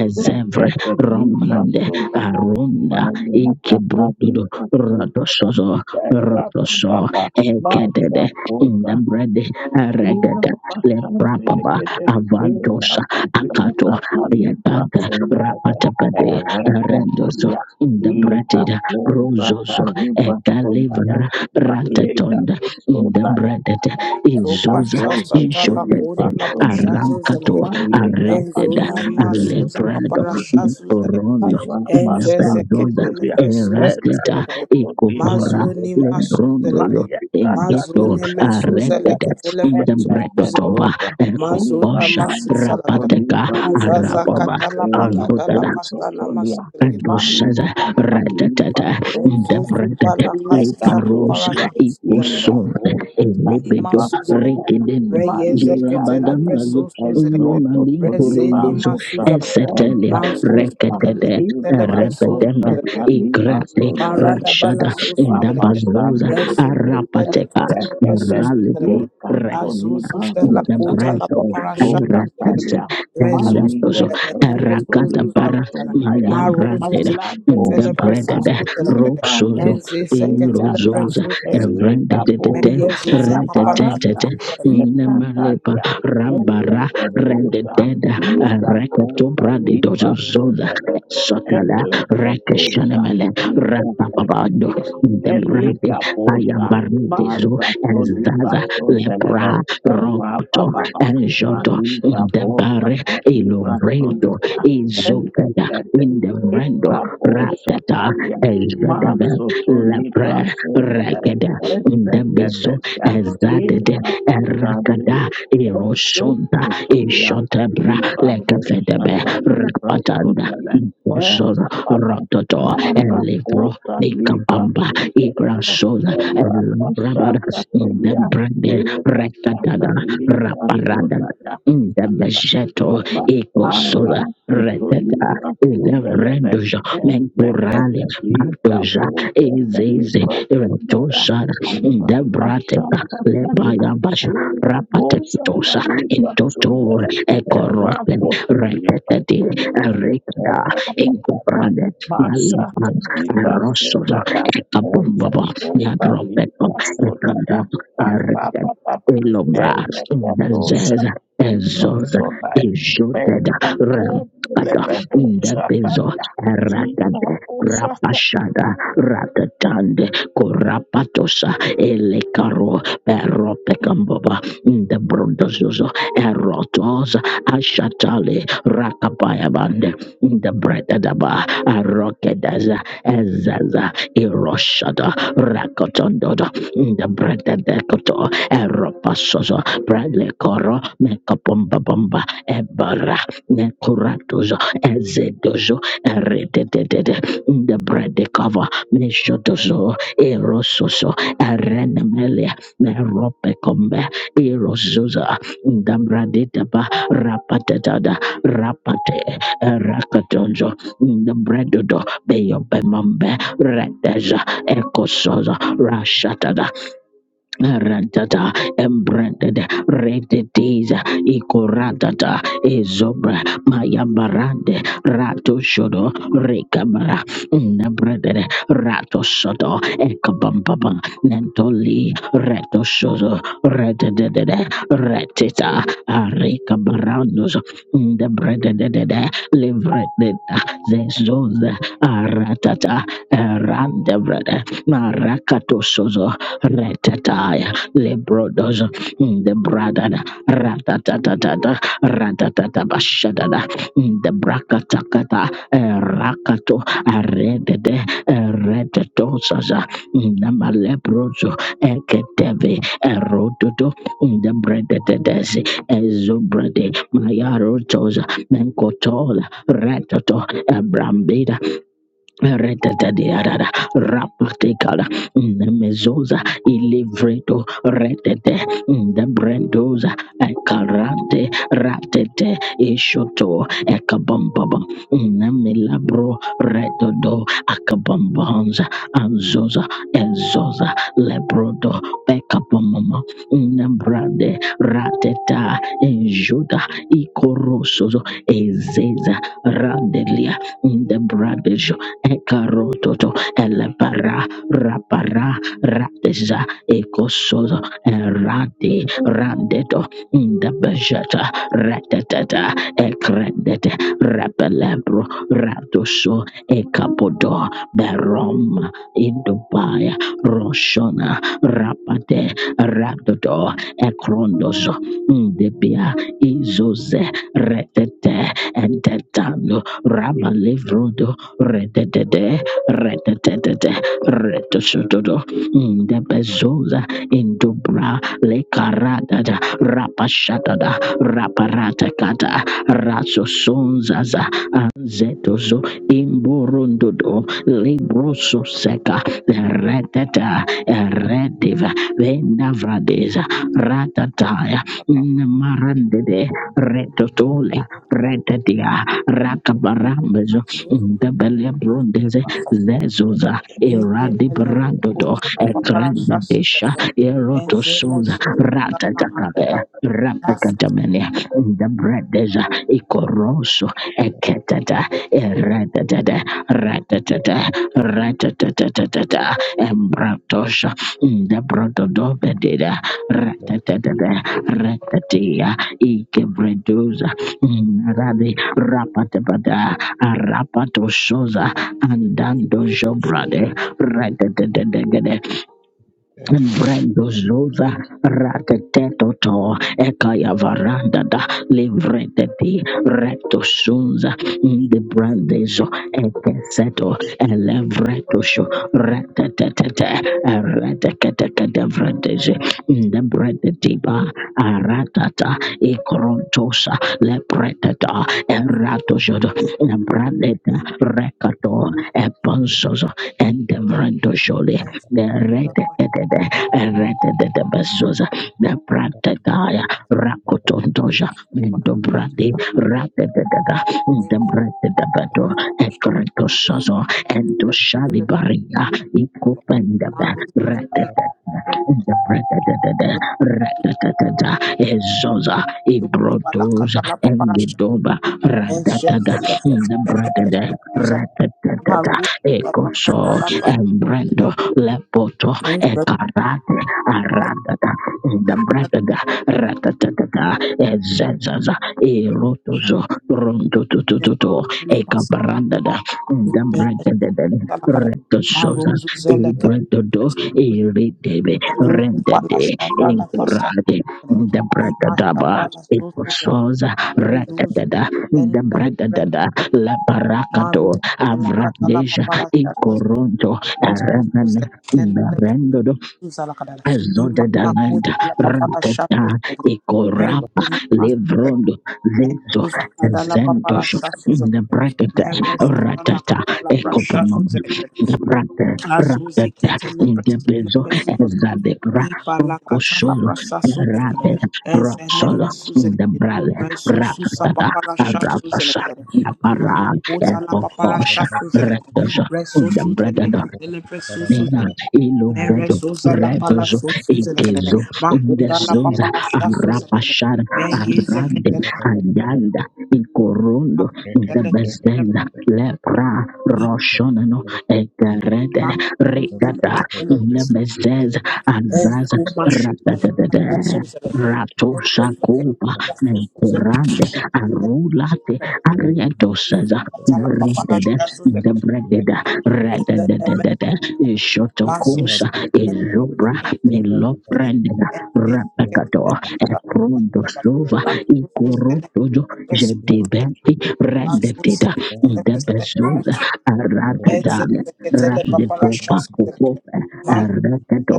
ezevre
libra
romande
sodaya.
arunda
Mayatata
ikebrodudo
libra sodaya.
radosozo radoso
Elababa.
ekedede
Masa
ndebrede regede
Thank
leprapaba avantosa akato yadaga rapatapade rendoso ndebrededa rozozo ekalivra ratatonda in the Indebredete, Izosa, Ishotete, Arankato, Areteda, Alebrado, Porondo, Inapezosa, Erateta, Ecopara,
you.
Lembrondo,
Maria Cata
Engeto,
Lita
Areteda,
Sundara and
Indebretotoba,
Lebedosa Eva
Ecosha,
Vasco
Rapateka,
Soliva Sundara
Arababa,
Elia
Andotada,
Cosa Solia Maria
Doshaza ratatata
Cata
dabratata
Leka
leparosa
dozwa, ira
ikoson
kosha
elebedo
taliba sonera,
rekedem
maleka dada,
zurabadambazo
ezoto
unamali
toliba
korundozo
rusha,
esetele
eza kota,
reketete
ibra kosha
repedembe
taliba
ikrate
sonera,
rashada
rapa
indabazoza
stande legede,
arapateka
esekete,
ralepo
ika
rek.
toliba rusha,
Jabreto,
ezota
Erakas,
talia,
Ezatos,
malige dozo
Erakata
toliba
para
sonera,
Maya Branded,
malago
Gabranded, Roxos,
Iparoso Tolianda,
Erozos, Evranded,
Eleka Poso Tola Paranda,
Retetet, Nemalepa,
Icatalia,
Rambara,
Elekedosa,
Retetet,
Isa
Rekato
Kota
Brandidos,
Liba
Zoda,
Sodele,
Sotala,
Elekedosa,
Rekashanamele,
Isa
Rapapabado,
Katalia, Eleka
Debranded.
Posa,
Bayabaritezo
Maza
and
Toliba
Zaza
Sodele,
Lepra
Erapa
Rocto
Baba,
and Joto
Maza
in the
Posa,
Bare
Liba
Ilobredo
Sodele,
Izokeda
Elekete,
in the Brando
Iparosa
Ratata Ezadabel
Masoto Libra
Lepra
Sundele,
Rekeda in the
Ezekatelia,
Ezadede
Eva
Erakada
Pastandele, Ezo
Eroshonda
Kotolia,
Eshotebra
Libra
Lekafedebe
Roshata Libra
Rakpatanda
Sundele,
Bosor
Eva Papa,
Rototo
Mara
Elivro
Kota Libra
Nikabamba
Sundele,
Igrasona
Eva
Elabrabaras
Pashata
in the
Tolia,
Brande
Eva Kata Libra
Rekatana
Sundele,
in the Besheto
Baba, Ara,
Ecosola Reteta
Kutulika, Subelebe,
Elevredoja Mentorale
Ezekete, Lika,
Batoja
Pote,
Ezeze
Lika, Subaya,
Retosara in
Abba,
the
Pasha,
Brateta
Patalia,
Lebaya Basha
Era, Bosa,
Rapatetosa in
Kalika,
Toto
Subele, Era,
Ecoropen
Kutulika,
Retetati
Subaya,
Erecada
Era, Patata,
Incoprade
Masha,
Nalipan
Kalika,
Rosso
Subaya, Eya,
Ecabombaba
Kota, Lika,
Yadropeto
Subaya, Abba,
Ecandro
Papa,
Elobra,
Ele, Katosha,
Nazez, Ezoz,
May
Ishoted,
I hold the level
Rampata,
of Bela
Indebezo,
Kodi
Erakade,
Lebeho Shatanda.
Rapashada, Ratatande, Korapatosa, Elekaro, Peropekambaba, Indebrondozozo, Erotos, Ashatale, Rakapayabande, Indebredadaba, Arokedaza, Ezaza, Iroshada, Rakotondodo, Indebredadekoto, Eropasozo, Bradley Coro, Mekapomba Bomba, Ebara, Nekuratozo, Ezedozo, Erededede, the Bradley Cover, Meshotozo, Erososo, Erenemelia, Meropecombe, Erozoza, the Braditaba, Rapatada, Rapate, Rakatonzo, the Bredodo, Beyobemambe, Redeja, Ecosoza, Rashata. Rantata embranded redediza ikoratata ezobra mayambarande rato shodo rekabara nebranded rato shodo ekabambaba nentoli reto shodo rededede retita arekabarandos nebranded livreded zezoza aratata erandebrede marakato shozo Retataya, Lebrodos, mm, the Bradada, Ratatatatata, Ratatata Bashadada, mm, the Brakatakata, eh, Rakato, Aredede, Retatosaza, mm, the Malebroso, Eketeve, Erododo, mm, the Brededes, Ezubrade, Mayarotosa, Menkotola, Retato, Ebrambida, Retetedearara, rapatekala, nemezoza, ilivredo, retete, ndebrendoza, ekarante, ratete, ishoto, ekabambaba, nemilabro, redodo, akabambanza, anzoza, ezoza, lebrodo, ekabamama, nembrande, rateta, enjuda, ikorosozo, ezeza, randelia, Ekarototo elebara rapara rateza ekosozo erade randeto indabejata ratatata ekredete repelebro ratoso ekapodo berom indubaya roshona rapate radodo ekrondozo ndebia izoze retete entetando rabalevrodo Rededede, rededede, redosododo, ndebezoza, indubra, lekaradada, rapashadada, raparatakada, rasosonzaza, anzetozo, imborondodo, librososeka, rededa, erediva, vendavradeza, ratataya, nmarandede, retotole, rededia, rakabarambezo ndebele brondeze zezuza iradi brandodo ekrendedesha erotosuza ratatakabe rapakatamene ndebredeza ikoroso eketata eretetete retetete retetetetetete embratosha ndebrododobedida retetetete retetia ikebreduza Rade Rapatapata Arapato Soza Andando Jobrade Redededegede Brendo Zoza Ratetetoto Ekaya Varanda da Livreteti Reto Sunza De Brandezo Eteseto Elevreto sho Retetetete Reteketekede vrandeze Ndebredetiba aratata ikrontosa lepretata eratojodo nebradeta rekato eponzozo endevrendojole neredetede eredetede bezoza nebradetaya Toja, Mendobrade, Rapidada, Debredabato, Ecretosazo, Endoshali Baria, Icopendaba, Ratata, Debredada, Ratata, Ezoza, Ibrotos, Engidoba, Ratada, Debredada, Ratata, Ekoso Embrando Lepoto Ekarate Aratata Endabratata Ratatata Ezezaza Erotozo Rondotototo Ekabrandada Endabratata Retosoza
Thank
Ebrandodo Eridebe Rendade Enkurade the Debradadaba, Ecososa, Ratadada, Debradadada, La Paracado, Avradeja, Incoronto, Aramana, Azoda Dalanda Ratata Ikorapa Levrondo Zezo Zendosh the Brakata Ratata Ekopamam the Brata Ratata the Bezo Ezadebra Boko Solo Rate Roxolo the Brale Ratata Aratasa Napara Ekokosha Rataja the Brada Nina ilovredo redozo ekezo ndezoza arapashara arande ayanda ikorondo ndebezeza lepra roshonono ekeredere rikata ndebezeza azaza ratatata ratoshakupa menkurande arulate arietosaza redede ndebrededa radadadadada ishotokusa izubra meloprandena rapekato ekrondosova ikorotojo jedebeti rendetida ndebezoza aratadana rabdetopakukope erekedo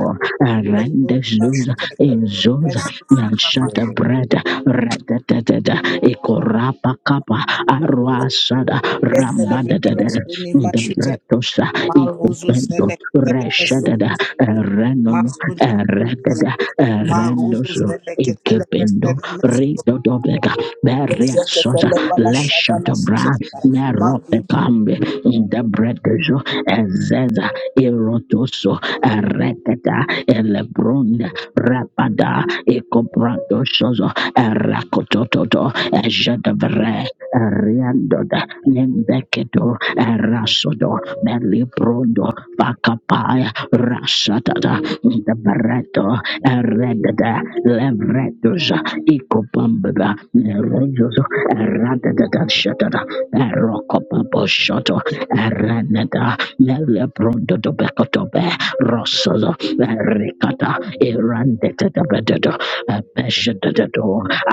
rendezoza inzoza nashatabrada radadadada ikorapakapa arwasada rambadadada Ndebretosa ikupendo reshadada erenono eregada erendoso ikependo ridodobega beriasosa leshotobra
you.
meropekambe
Thank
ndebretoso ezeza irotoso erekada elebronda rapada ikobratosozo erakotototo ejadavre Riandoda Nembekedo Rasodo Belibrodo Pakapaya Rasatada Dabareto Redada Levredoza Ikopambada Rojozo Radada Shatada Rokopambo Shoto Renada Melebrodo Bekotobe Rosozo Ricata Irandeta Bedodo Abeshadado,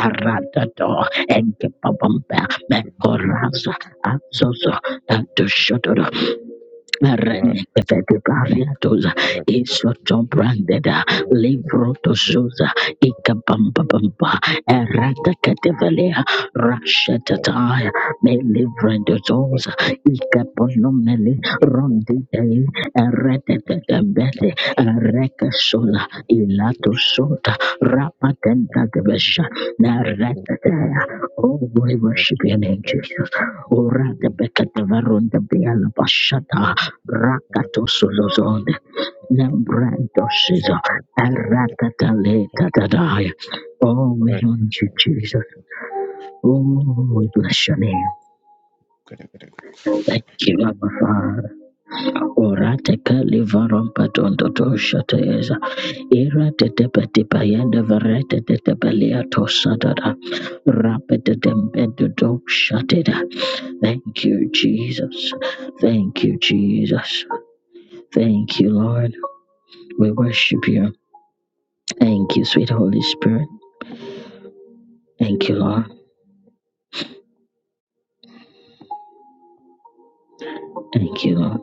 Aradado, Enkepabamba, Mekoraza, Azozo, Adushadoro, Renekefetukafiatoza isotobrandeda livrotozuza ikabambabamba eratakatevelea rashatataya melivrendozoza ikaponomeli rondidei eretetetebete erekesoza ilatosota rapatentatebesha nereteteya Oh, we worship your name, Jesus. Ora de bekatavarunda biala bashata Rakatosozozon, Nembrandoshizo,
you.
Arakataletatadai. Oh, we
Right.
honor you,
Okay. Okay.
Jesus. Oh, we bless your name.
Good.
Thank you, Abba Father. Orateka livarompa tontotoshateza. Ira tetepeti payende varete tetepelia tosadada. Rapetetempedodokshateda. Thank you, Jesus. Thank you, Jesus. Thank you, Lord. We worship you. Thank you, sweet Holy Spirit. Thank you, Lord. Thank you, Lord.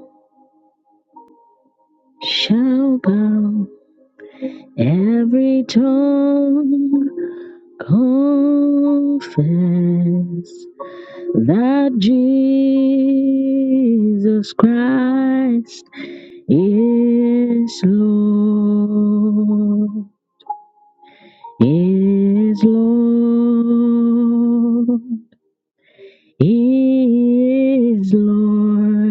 Shall bow every tongue confess that Jesus Christ is Lord, is Lord, is Lord.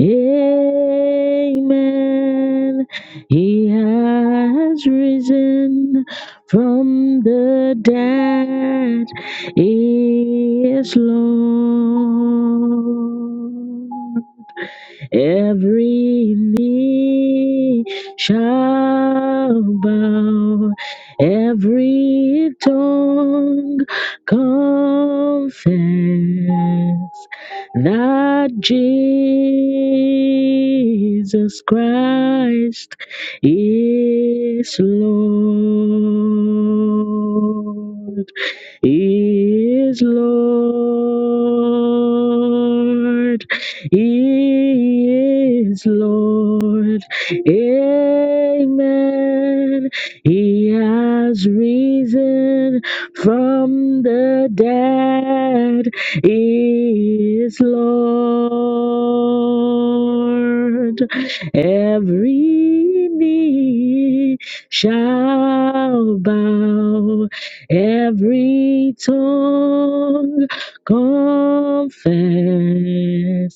Amen. He has risen from the dead. He is Lord. Every knee shall bow, every tongue confess that Jesus Christ is Lord, is Lord. He is Lord. Amen. He has risen from the dead. He is Lord. Every knee shall bow, every tongue confess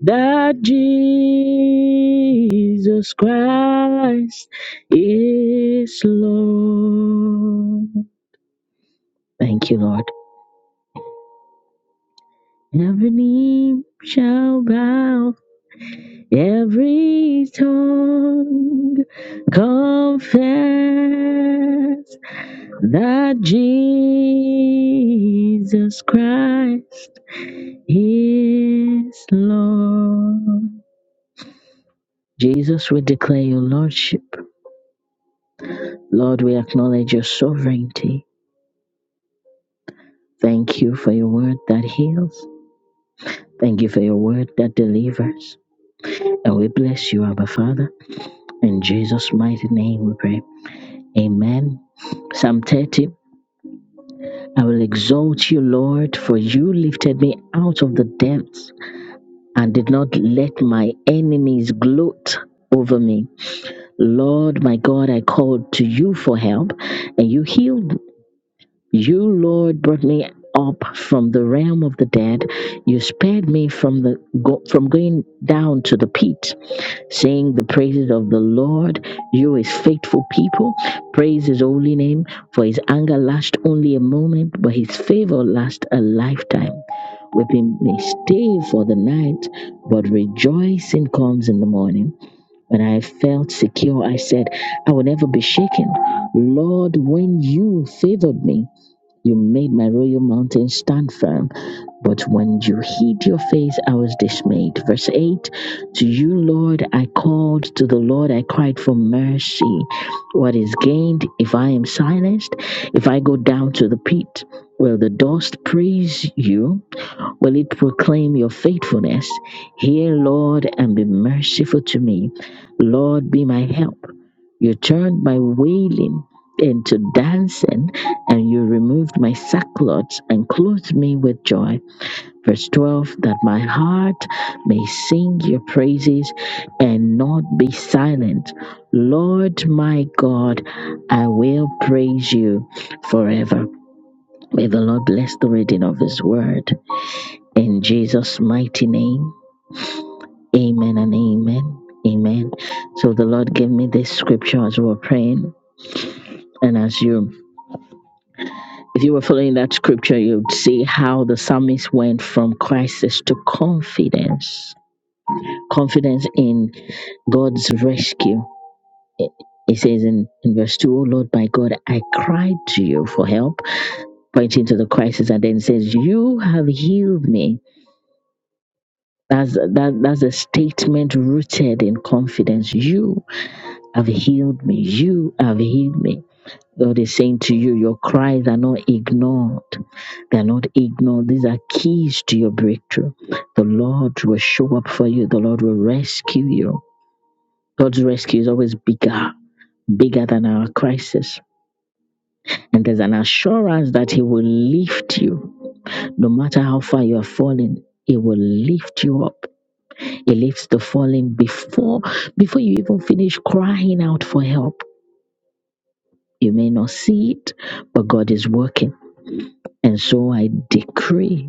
that Jesus Christ is Lord. Thank you, Lord. Every knee shall bow, every tongue confess that Jesus Christ is Lord. Jesus, we declare your Lordship. Lord, we acknowledge your sovereignty. Thank you for your word that heals. Thank you for your word that delivers. And we bless you, Abba Father. In Jesus' mighty name we pray. Amen. Psalm 30. I will exalt you, Lord, for you lifted me out of the depths and did not let my enemies gloat over me. Lord, my God, I called to you for help and you healed me. You, Lord, brought me up from the realm of the dead. You spared me from the go, from going down to the pit. Sing the praises of the Lord, you his faithful people. Praise his holy name, for his anger lasts only a moment, but his favor lasts a lifetime. Weeping may stay for the night, but rejoicing comes in the morning. When I felt secure, I said, I will never be shaken. Lord, when you favored me, you made my royal mountain stand firm. But when you hid your face, I was dismayed. Verse 8 To you, Lord, I called, to the Lord I cried for mercy. What is gained if I am silenced, if I go down to the pit? Will the dust praise you? Will it proclaim your faithfulness? Hear, Lord, and be merciful to me. Lord, be my help. You turned my wailing into dancing, and you removed my sackcloth and clothed me with joy. Verse 12 That my heart may sing your praises and not be silent. Lord my God, I will praise you forever. May the Lord bless the reading of his word. In Jesus' mighty name, amen and amen. Amen. So the Lord gave me this scripture as we were praying. And as you If you were following that scripture, you'd see how the psalmist went from crisis to confidence, confidence in God's rescue. It says in, in verse 2, "O Lord, my God, I cried to you for help, pointing to the crisis, and then says, You have healed me. That's, that, that's a statement rooted in confidence. You have healed me. You have healed me. God is saying to you, your cries are not ignored. They are not ignored. These are keys to your breakthrough. The Lord will show up for you. The Lord will rescue you. God's rescue is always bigger, bigger than our crisis. And there's an assurance that He will lift you. No matter how far you are falling, He will lift you up. He lifts the falling before, before you even finish crying out for help. You may not see it, but God is working. And so I decree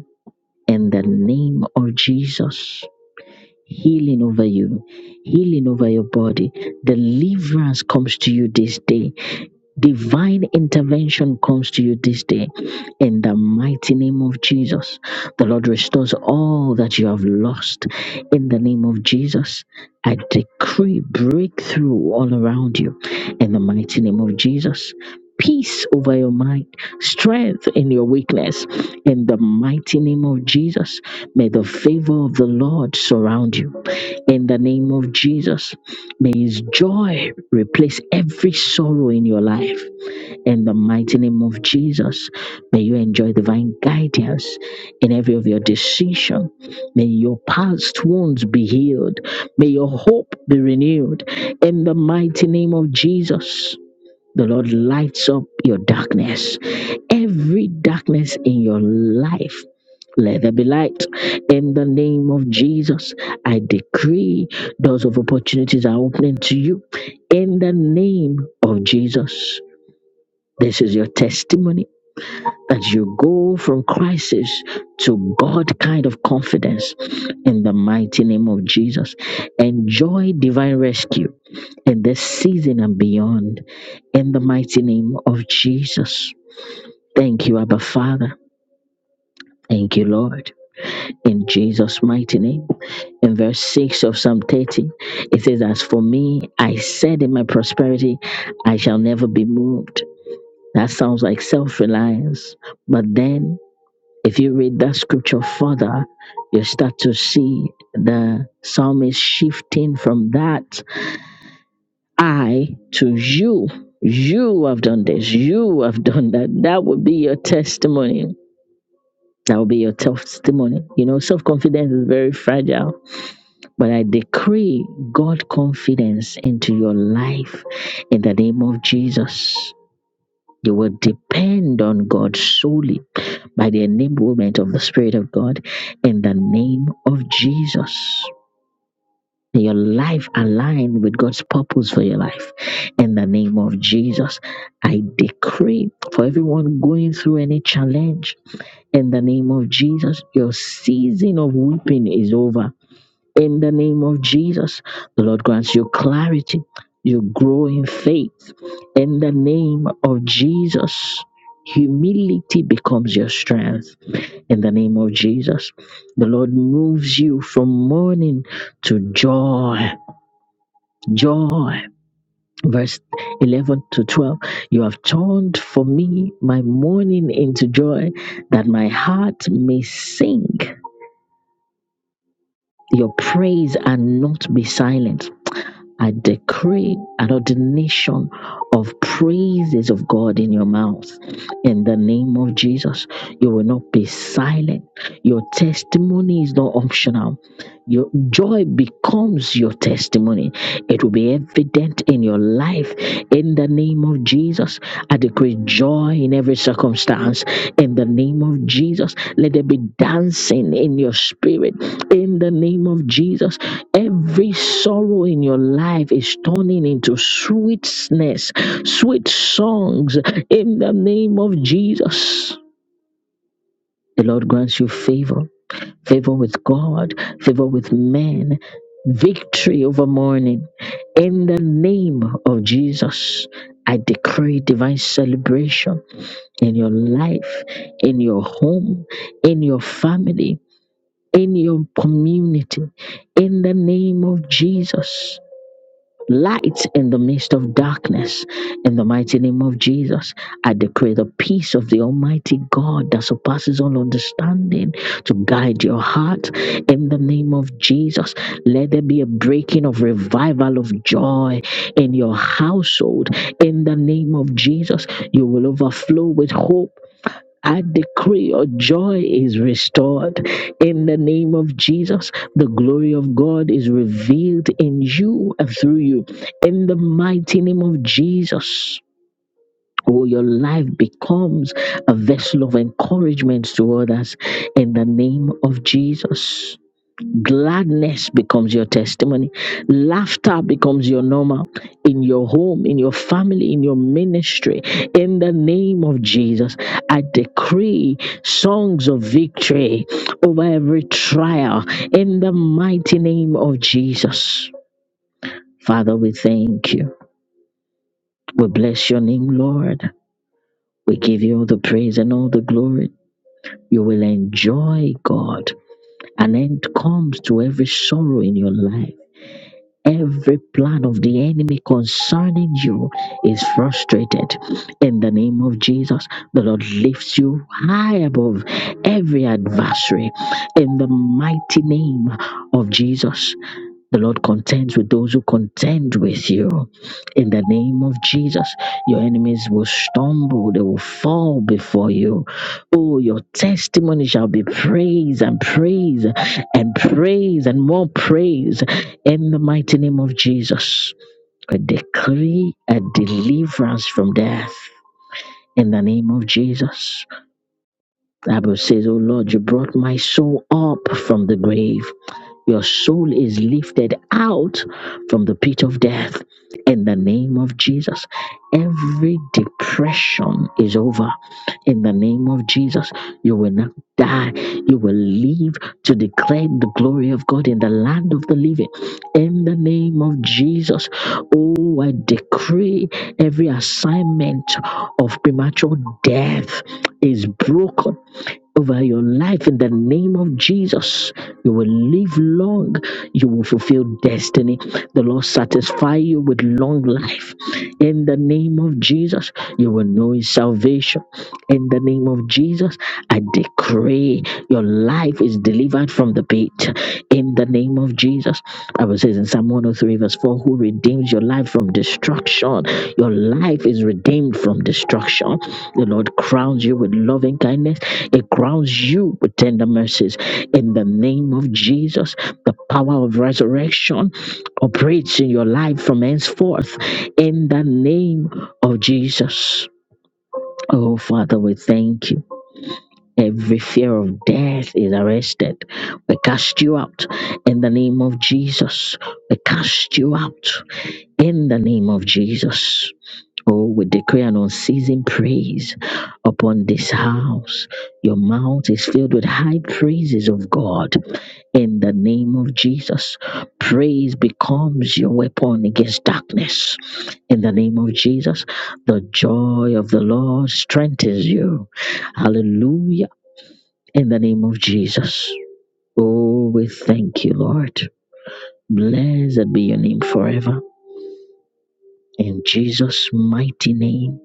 in the name of Jesus. Healing over you, healing over your body. Deliverance comes to you this day Divine intervention comes to you this day in the mighty name of Jesus. The Lord restores all that you have lost in the name of Jesus. I decree breakthrough all around you in the mighty name of Jesus. Peace over your mind, strength in your weakness. In the mighty name of Jesus, may the favor of the Lord surround you. In the name of Jesus, may His joy replace every sorrow in your life. In the mighty name of Jesus, may you enjoy divine guidance in every of your decision. May your past wounds be healed. May your hope be renewed. In the mighty name of Jesus, the Lord lights up your darkness. Every darkness in your life, let there be light. In the name of Jesus, I decree doors of opportunities are opening to you. In the name of Jesus. This is your testimony that you go from crisis to God kind of confidence in the mighty name of Jesus. Enjoy divine rescue in this season and beyond in the mighty name of Jesus. Thank you, Abba Father. Thank you, Lord. In Jesus' mighty name. In verse 6 of Psalm 30, it says, As for me, I said in my prosperity, I shall never be moved. That sounds like self reliance. But then If you read that scripture further, you start to see the psalmist shifting from that I to you. You have done this. You have done that. That would be your testimony. That would be your testimony. You know, self confidence is very fragile, but I decree God confidence into your life in the name of Jesus. You will depend on God solely by the enablement of the Spirit of God in the name of Jesus. May your life align with God's purpose for your life. In the name of Jesus, I decree for everyone going through any challenge, in the name of Jesus, your season of weeping is over. In the name of Jesus, the Lord grants you clarity. You grow in faith. In the name of Jesus, humility becomes your strength. In the name of Jesus, the Lord moves you from mourning to joy. Joy. Verse 11 to 12 You have turned for me my mourning into joy, that my heart may sing your praise and not be silent. I decree an ordination of praises of God in your mouth. In the name of Jesus, you will not be silent. Your testimony is not optional. Your joy becomes your testimony. It will be evident in your life. In the name of Jesus, I decree joy in every circumstance. In the name of Jesus, let there be dancing in your spirit. In the name of Jesus, Every sorrow in your life is turning into sweetness, sweet songs in the name of Jesus. The Lord grants you favor, favor with God, favor with men, victory over mourning. In the name of Jesus, I decree divine celebration in your life, in your home, in your family, in your community. In the name of Jesus. light in the midst of darkness. In the mighty name of Jesus, I decree the peace of the Almighty God that surpasses all understanding to guide your heart. In the name of Jesus, let there be a breaking of revival of joy in your household. In the name of Jesus, you will overflow with hope. I decree your joy is restored in the name of Jesus. The glory of God is revealed in you and through you. In the mighty name of Jesus. Oh, your life becomes a vessel of encouragement to others in the name of Jesus. Gladness becomes your testimony. Laughter becomes your normal in your home, in your family, in your ministry. In the name of Jesus, I decree songs of victory over every trial in the mighty name of Jesus. Father, we thank you. We bless your name, Lord. We give you all the praise and all the glory. You will enjoy God. An end comes to every sorrow in your life Every plan of the enemy concerning you is frustrated. In the name of Jesus, the Lord lifts you high above every adversary. In the mighty name of Jesus, the Lord contends with those who contend with you. In the name of Jesus, your enemies will stumble, they will fall before you. Oh, your testimony shall be praise and praise and praise and more praise. In the mighty name of Jesus, I decree a deliverance from death. In the name of Jesus. The Bible says, Oh Lord, you brought my soul up from the grave. Your soul is lifted out from the pit of death in the name of Jesus. Every depression is over in the name of Jesus. You will not die. You will live to declare the glory of God in the land of the living in the name of Jesus. Oh, I decree every assignment of premature death is broken over your life in the name of Jesus. You will live long. You will fulfill destiny. The Lord satisfy you with long life. In the name of Jesus, you will know His salvation. In the name of Jesus, I decree your life is delivered from the pit. In the name of Jesus, Bible says in Psalm 103 verse 4, who redeems your life from destruction. Your life is redeemed from destruction. The Lord crowns you with loving kindness. It crowns you with tender mercies. In the name of Jesus, the power of resurrection operates in your life from henceforth. In the name of Jesus. Oh, Father, we thank you. Every fear of death is arrested. We cast you out in the name of Jesus. We cast you out in the name of Jesus. Oh, we decree an unceasing praise upon this house. Your mouth is filled with high praises of God. In the name of Jesus, praise becomes your weapon against darkness. In the name of Jesus, the joy of the Lord strengthens you. Hallelujah. In the name of Jesus. Oh, we thank you, Lord. Blessed be your name forever. In Jesus' mighty name,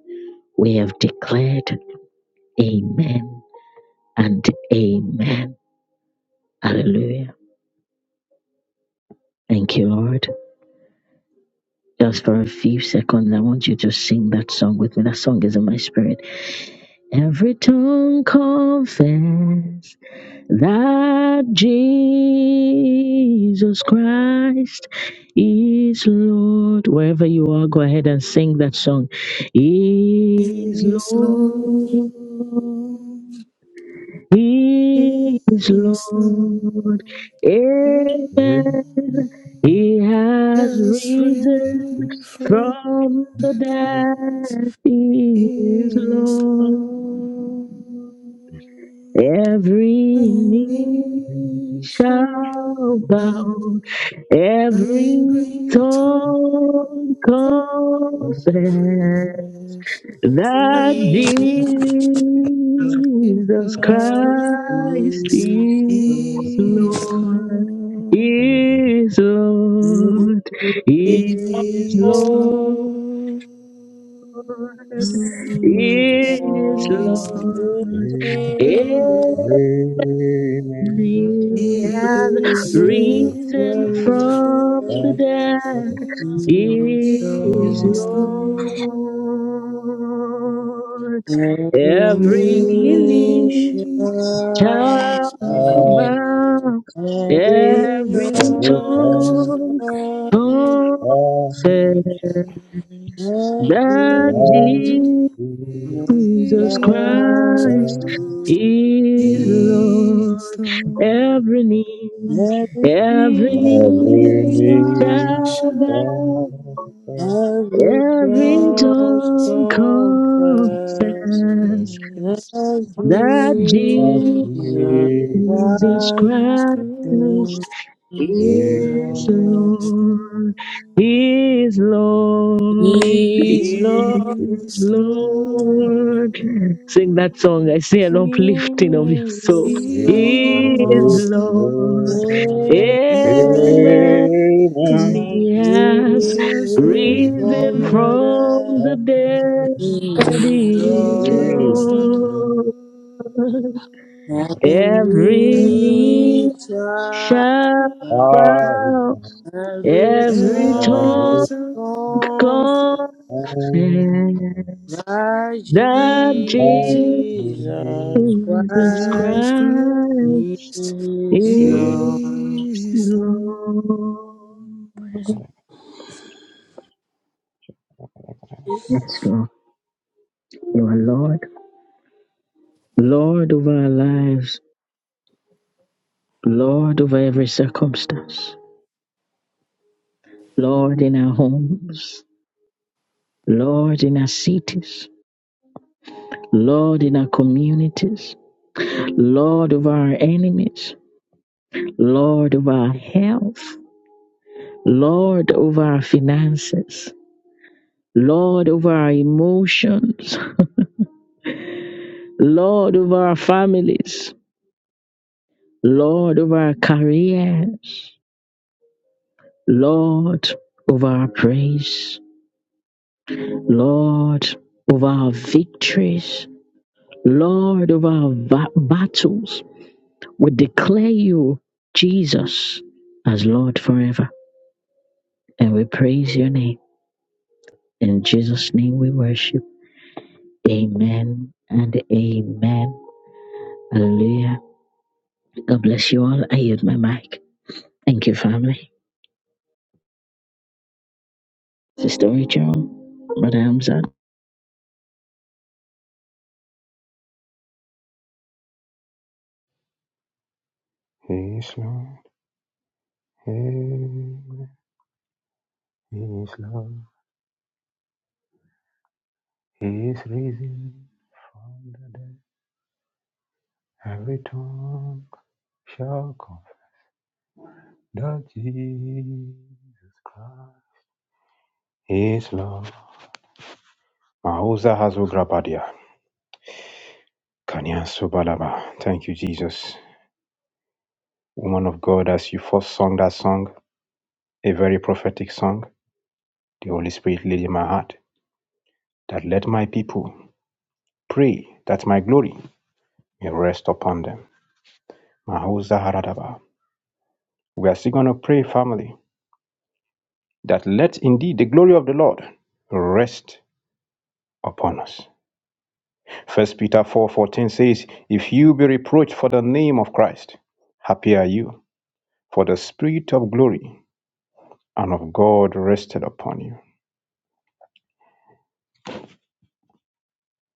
we have declared. Amen and amen. Hallelujah. Thank you, Lord. Just for a few seconds, I want you to sing that song with me. That song is in my spirit. Every tongue confess that Jesus Christ is Lord. Wherever you are, go ahead and sing that song. Is
love,
Lord. He is
His love,
Lord. Amen.
Amen.
He has
Yes,
risen
free
from
from
the
the days
dead. He is
is
Lord.
long.
Every
Good.
knee
Nation,
shall bow, every
every
tongue
tongue
confess
confess
that
that
Jesus
Jesus
Christ
Christ
Good.
is
is
Lord,
Lord.
is Lord, is
Is
Lord,
Lord, is Lord,
is Lord.
amen.
He
He
has
has
risen
risen from
from the
the
dead.
dead.
He is
Is Lord,
Lord. Every
every knee
knee shall
must bow,
bow. Every
every tongue
tongue confess
confess.
that Jesus
Jesus
Christ
Christ
is
is
Lord. Every
Lord.
knee,
We
every
Every
knee
are
knee
shall
shall,
bow,
bow,
every
every
tongue
shall
tongue
confess
confess
that
confess.
that
Jesus
Jesus
Christ
Jesus
is
Christ
Christ
Amen.
is
Lord.
is
Lord,
Lord.
is Lord,
He is Lord.
is
Is
Lord. Sing that song. I
Lord.
see an
He
uplifting of your soul.
It
is
is amen. He is
Is
Lord.
Is
Lord,
Lord,
Lord.
Amen. He
Amen.
Amen.
is
He
Lord,
has
Amen.
He has
He has
risen from
risen
the
risen from
from
dead.
the
the
dead.
He
dead.
is
He
Is
He is
Lord.
Lord.
Lord, every
Every
knee
Heavenly
knee
Child.
shall
shall
bow
bow.
Every
Every
Every
tongue
tongue
tongue
confess
confess
confess
that
that Jesus.
Jesus
Jesus
Jesus
Christ
Christ
Christ
is
is
Lord.
is
Lord.
Lord.
Yes, Lord. You are Lord. Lord over our lives. Lord over every circumstance. Lord in our homes. Lord in our cities. Lord in our communities. Lord over our enemies. Lord over our health. Lord over our finances, Lord over our emotions, Lord over our families, Lord over our careers, Lord over our praise, Lord over our victories, Lord over our va- battles. We declare you, Jesus, as Lord forever, and we praise your name. In Jesus' name we worship. Amen and amen. Hallelujah. God bless you all. I yield my mic. Thank you, family. This is Story Joe, Brother Hamza.
is risen from the dead. Every tongue shall confess. that Jesus Christ is Lord. Mahuza Hazu Grabadia. Kanya Subalaba. Thank you, Jesus. Woman of God, as you first sung that song, a very prophetic song, the Holy Spirit laid in my heart that let my people pray that my glory may rest upon them. Mahuza Haradaba. We are still going to pray, family, that let indeed the glory of the Lord rest upon us. First Peter 4:14 says, "If you be reproached for the name of Christ, happy are you, for the spirit of glory and of God rested upon you.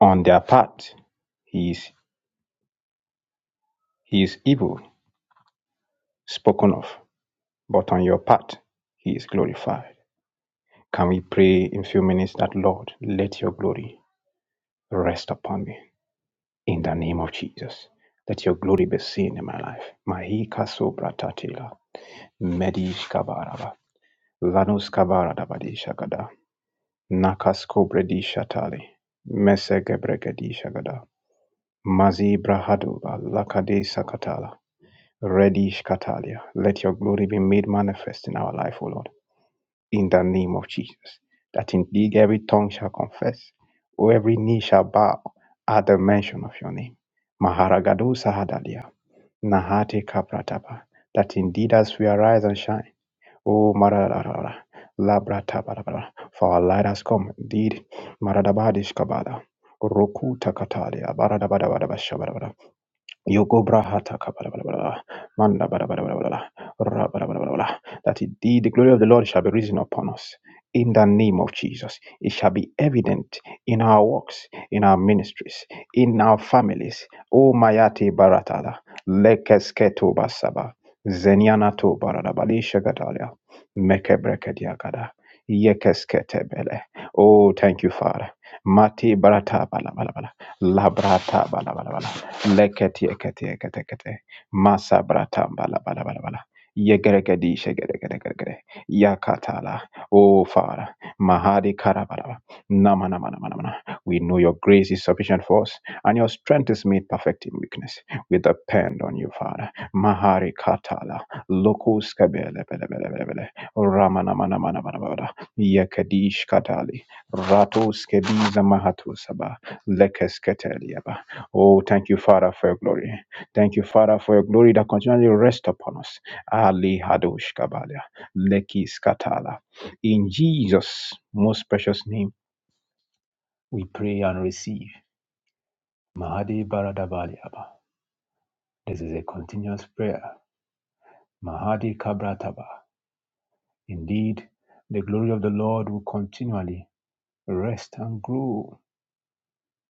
On their part, he is, he is evil spoken of, but on your part, he is glorified." Can we pray in few minutes that Lord, let your glory rest upon me in the name of Jesus. Let your glory be seen in my life. Mahika sobra tatila, medish kabaraba, lanus kabara dabadi shagada. Nakasko Bredi Shatali, Mesege Bregedi Shagada, Mazi Brahaduba, Lakade Sakatala, Redish Katalia. Let your glory be made manifest in our life, O Lord, in the name of Jesus. That indeed every tongue shall confess, or every knee shall bow at the mention of your name. Maharagado Sahadalia, Nahate Kapratapa. That indeed as we arise and shine, Oh, Maradabara, Labrata, for our light has come. Indeed, Maradabadish Kabada, Roku Takatalia, Baradabadabadabashabadabada. Yogo brahata kabala, bada bada bada bada, manda bada bada bada bada bada, ra bada bada bada bada, that indeed the glory of the Lord shall be risen upon us in the name of Jesus. It shall be evident in our works, in our ministries, in our families. O Mayate Baratala, Lekesketo Basaba, Zenianato Baradabali Shagadalia, Mekebrekediagada, Yekesketebele. Oh, thank you, Father. Mati Barata Bala Bala Bala, Labrata Bala Bala Bala. Lekete kete kete kete. Masa bratam bala bala bala bala. Yegeregedi shegeregeregere. Yakatala. Oh Father. Mahadi karabala. Nama nama nama nama. nama. We know your grace is sufficient for us and your strength is made perfect in weakness. We depend on you, Father. Mahari katala. Lokus kabele bele bele bele bele. Ramana mana mana mana mana. Yekedish katali. Ratus kebiza mahatu saba. Lekes Oh, thank you, Father, for your glory. Thank you, Father, for your glory that continually rests upon us. Ali Hadosh Kabalia, Leki Skatala. In Jesus' most precious name, we pray and receive. Mahadi Baradabaliaba. This is a continuous prayer. Mahadi Kabrataba. Indeed, the glory of the Lord will continually rest and grow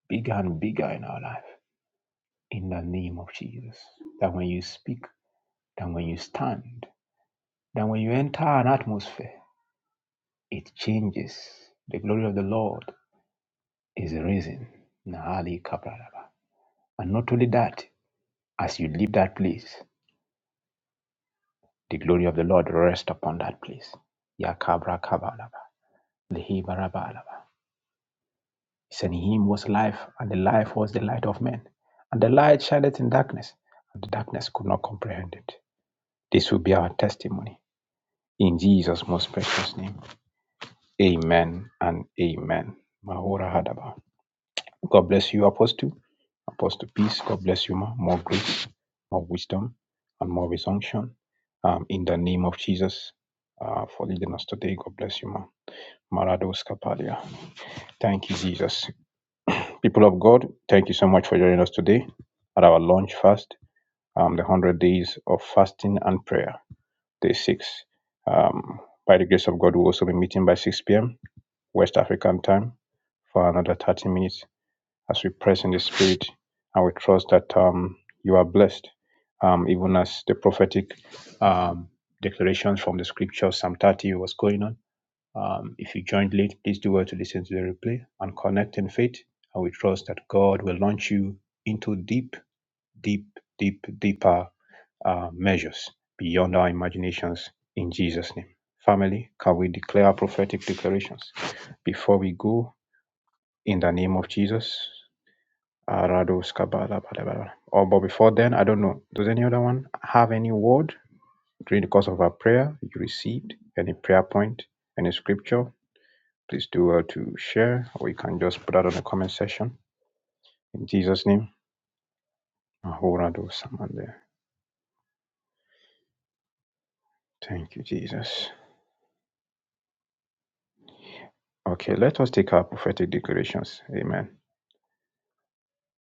bigger and bigger in our life. In the name of Jesus. That when you speak, that when you stand, Then when you enter an atmosphere, it changes. The glory of the Lord is risen. Nahali Kabralaba. And not only that, as you leave that place, the glory of the Lord rests upon that place. Yakabra Kabalaba. Lehibarabalaba. He said, In him was life, and the life was the light of men. And the light shineth in darkness, and the darkness could not comprehend it. This will be our testimony. In Jesus' most precious name. Amen and amen. Mahora Hadaba. God bless you, Apostle. Apostle Peace. God bless you, ma. More grace, more wisdom, and more resumption. Um, in the name of Jesus, uh, for leading us today. God bless you, ma. Marados Kapadia. Thank you, Jesus. People of God, thank you so much for joining us today at our launch fast, um, the 100 days of fasting and prayer, day six. Um, by the grace of God, we'll also be meeting by 6 p.m. West African time for another 30 minutes as we press in the spirit and we trust that um, you are blessed, um, even as the prophetic um, declarations from the scripture, Psalm 30, was going on. Um, if you joined late, please do well to listen to the replay and connect in faith. And we trust that God will launch you into deep, deep, deep, deeper uh, measures beyond our imaginations in Jesus' name. Family, can we declare our prophetic declarations before we go in the name of Jesus? Arados Kabbalah, blah, blah, blah. Oh, but before then, I don't know. Does any other one have any word during the course of our prayer you received? Any prayer point? Any scripture? Please do well to share, or you can just put that on the comment section. In Jesus' name, Ahorados samande. Thank you, Jesus. Okay, let us take our prophetic declarations. Amen.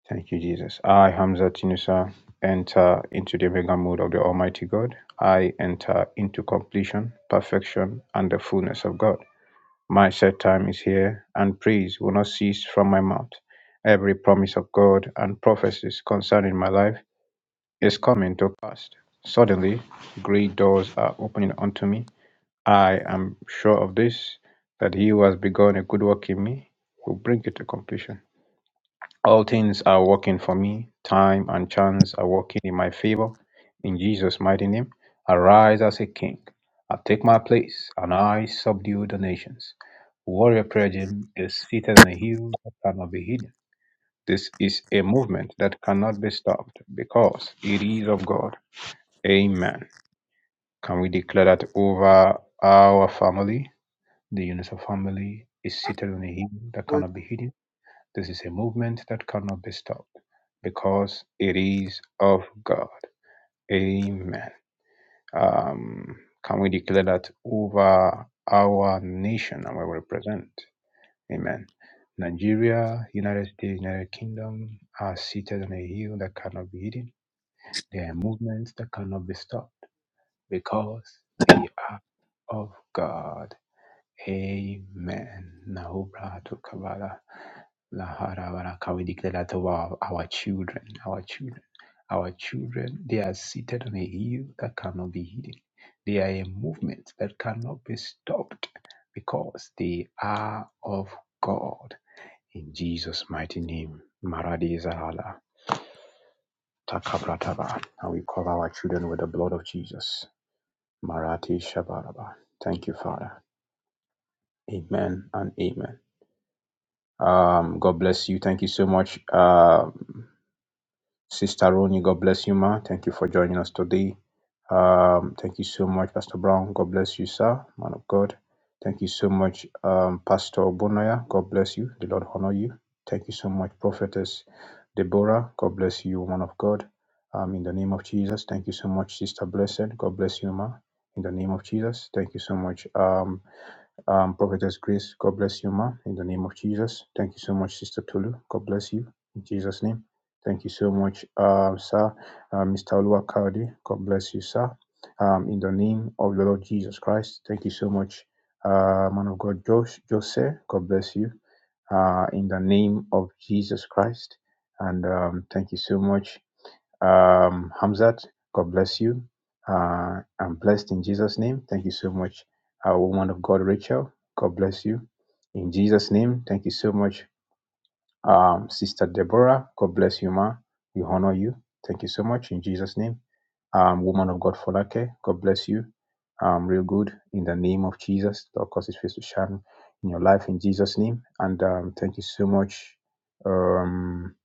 Thank you, Jesus. I, Hamza Tinusa, enter into the mega mode of the Almighty God. I enter into completion, perfection, and the fullness of God. My set time is here, and praise will not cease from my mouth. Every promise of God and prophecies concerning my life is coming to pass. Suddenly, great doors are opening unto me. I am sure of this, that he who has begun a good work in me will bring it to completion. All things are working for me. Time and chance are working in my favor. In Jesus' mighty name, I rise as a king. I take my place and I subdue the nations. Warrior Prayer Gym is seated on a hill that cannot be hidden. This is a movement that cannot be stopped because it is of God. Amen. Can we declare that over our family? The Unison family is seated on a hill that cannot be hidden this is a movement that cannot be stopped because it is of God. Amen. Um, can we declare that over our nation and where we represent? Amen. Nigeria, United States, United Kingdom are seated on a hill that cannot be hidden. There are movements that cannot be stopped because they are of God. Amen. Nahobra to Kabbalah. Laharabaraka, we declare that over our our children, our children, our children, they are seated on a hill that cannot be hidden. They are a movement that cannot be stopped because they are of God. In Jesus' mighty name, Maradi Zahala, Takabrataba. And we cover our children with the blood of Jesus. Marati Shabaraba. Thank you, Father. Amen and amen. Um, God bless you. Thank you so much, uh, Sister Roni. God bless you, ma. Thank you for joining us today. Um, thank you so much, Pastor Brown. God bless you, sir, man of God. Thank you so much, um, Pastor Obonoya. God bless you. The Lord honor you. Thank you so much, Prophetess Deborah. God bless you, woman of God. Um, in the name of Jesus, thank you so much, Sister Blessed. God bless you, ma. In the name of Jesus, thank you so much. Um, um, Prophetess Grace, God bless you, ma, in the name of Jesus. Thank you so much, Sister Tolu. God bless you, in Jesus' name. Thank you so much, uh, sir. Uh, Mr. Oluwakadi, God bless you, sir. Um, in the name of the Lord Jesus Christ, thank you so much, uh, man of God, Josh, Jose. God bless you, uh, in the name of Jesus Christ. And um, thank you so much. Um, Hamzat, God bless you. Uh, I'm blessed in Jesus' name. Thank you so much. Uh, woman of God, Rachel, God bless you. In Jesus' name, thank you so much. Um, Sister Deborah, God bless you, ma. We honor you. Thank you so much. In Jesus' name. Um, woman of God, Folake, God bless you. Um, real good. In the name of Jesus, Lord, cause his face to shine in your life in Jesus' name. And um, thank you so much. Um,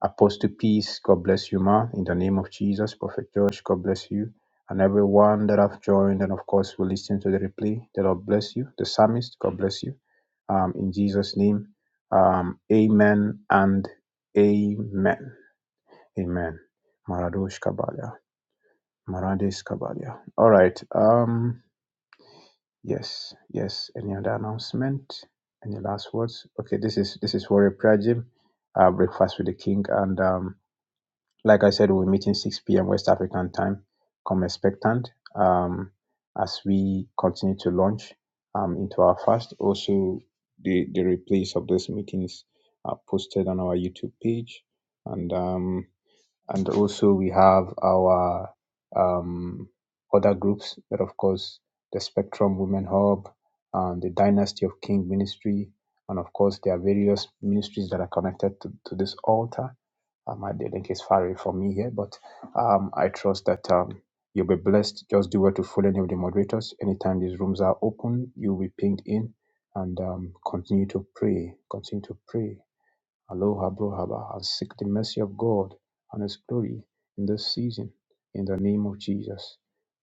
Apostle Peace, God bless you, ma. In the name of Jesus, Prophet George, God bless you. And everyone that have joined and of course will listen to the replay. The Lord bless you. The psalmist, God bless you. Um, in Jesus' name. Um, amen and amen. Amen. Maradosh Kabalia. Marades Kabalia. All right. Um, yes, yes. Any other announcement? Any last words? Okay, this is this is Warrior Prayer Gym, uh, Breakfast with the King. And um like I said, we're meeting 6 p.m. West African time. Come expectant um, as we continue to launch um, into our fast. Also, the, the replays of those meetings are posted on our YouTube page. And, um, and also, we have our um, other groups that, of course, the Spectrum Women Hub, um, the Dynasty of King Ministry, and of course, there are various ministries that are connected to, to this altar uh, my link is far away from me here, but um, I trust that um, you'll be blessed. Just do well to follow any of the moderators. Anytime these rooms are open, you'll be pinged in and um, continue to pray. Continue to pray. Aloha, brohaba, and seek the mercy of God and His glory in this season in the name of Jesus.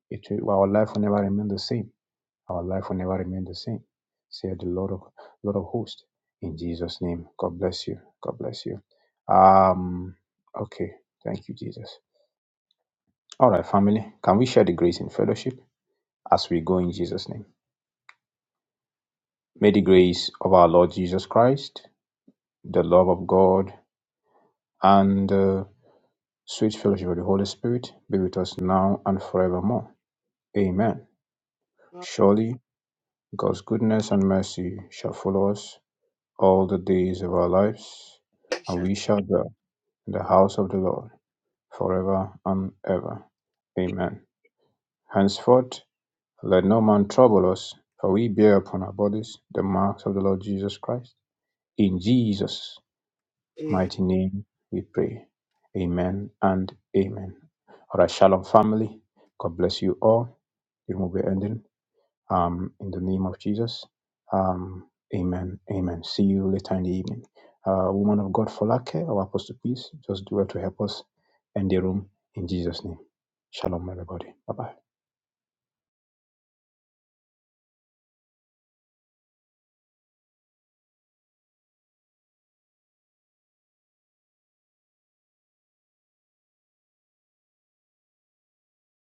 It will, our life will never remain the same our life will never remain the same. Said the Lord of Lord of hosts. In Jesus' name. God bless you. God bless you. Um okay. Thank you, Jesus. All right, family. Can we share the grace in fellowship as we go in Jesus' name? May the grace of our Lord Jesus Christ, the love of God, and the sweet fellowship of the Holy Spirit be with us now and forevermore. Amen. Surely God's goodness and mercy shall follow us all the days of our lives, and we shall dwell in the house of the Lord forever and ever. Amen. Henceforth, let no man trouble us, for we bear upon our bodies the marks of the Lord Jesus Christ. In Jesus' mighty name we pray. Amen and amen. All right, Shalom family. God bless you all. It will be ending. um, in the name of Jesus. Um, amen. Amen. See you later in the evening. Uh, woman of God, Folake, our apostle, please just do it to help us end the room in Jesus' name. Shalom, everybody. Bye bye.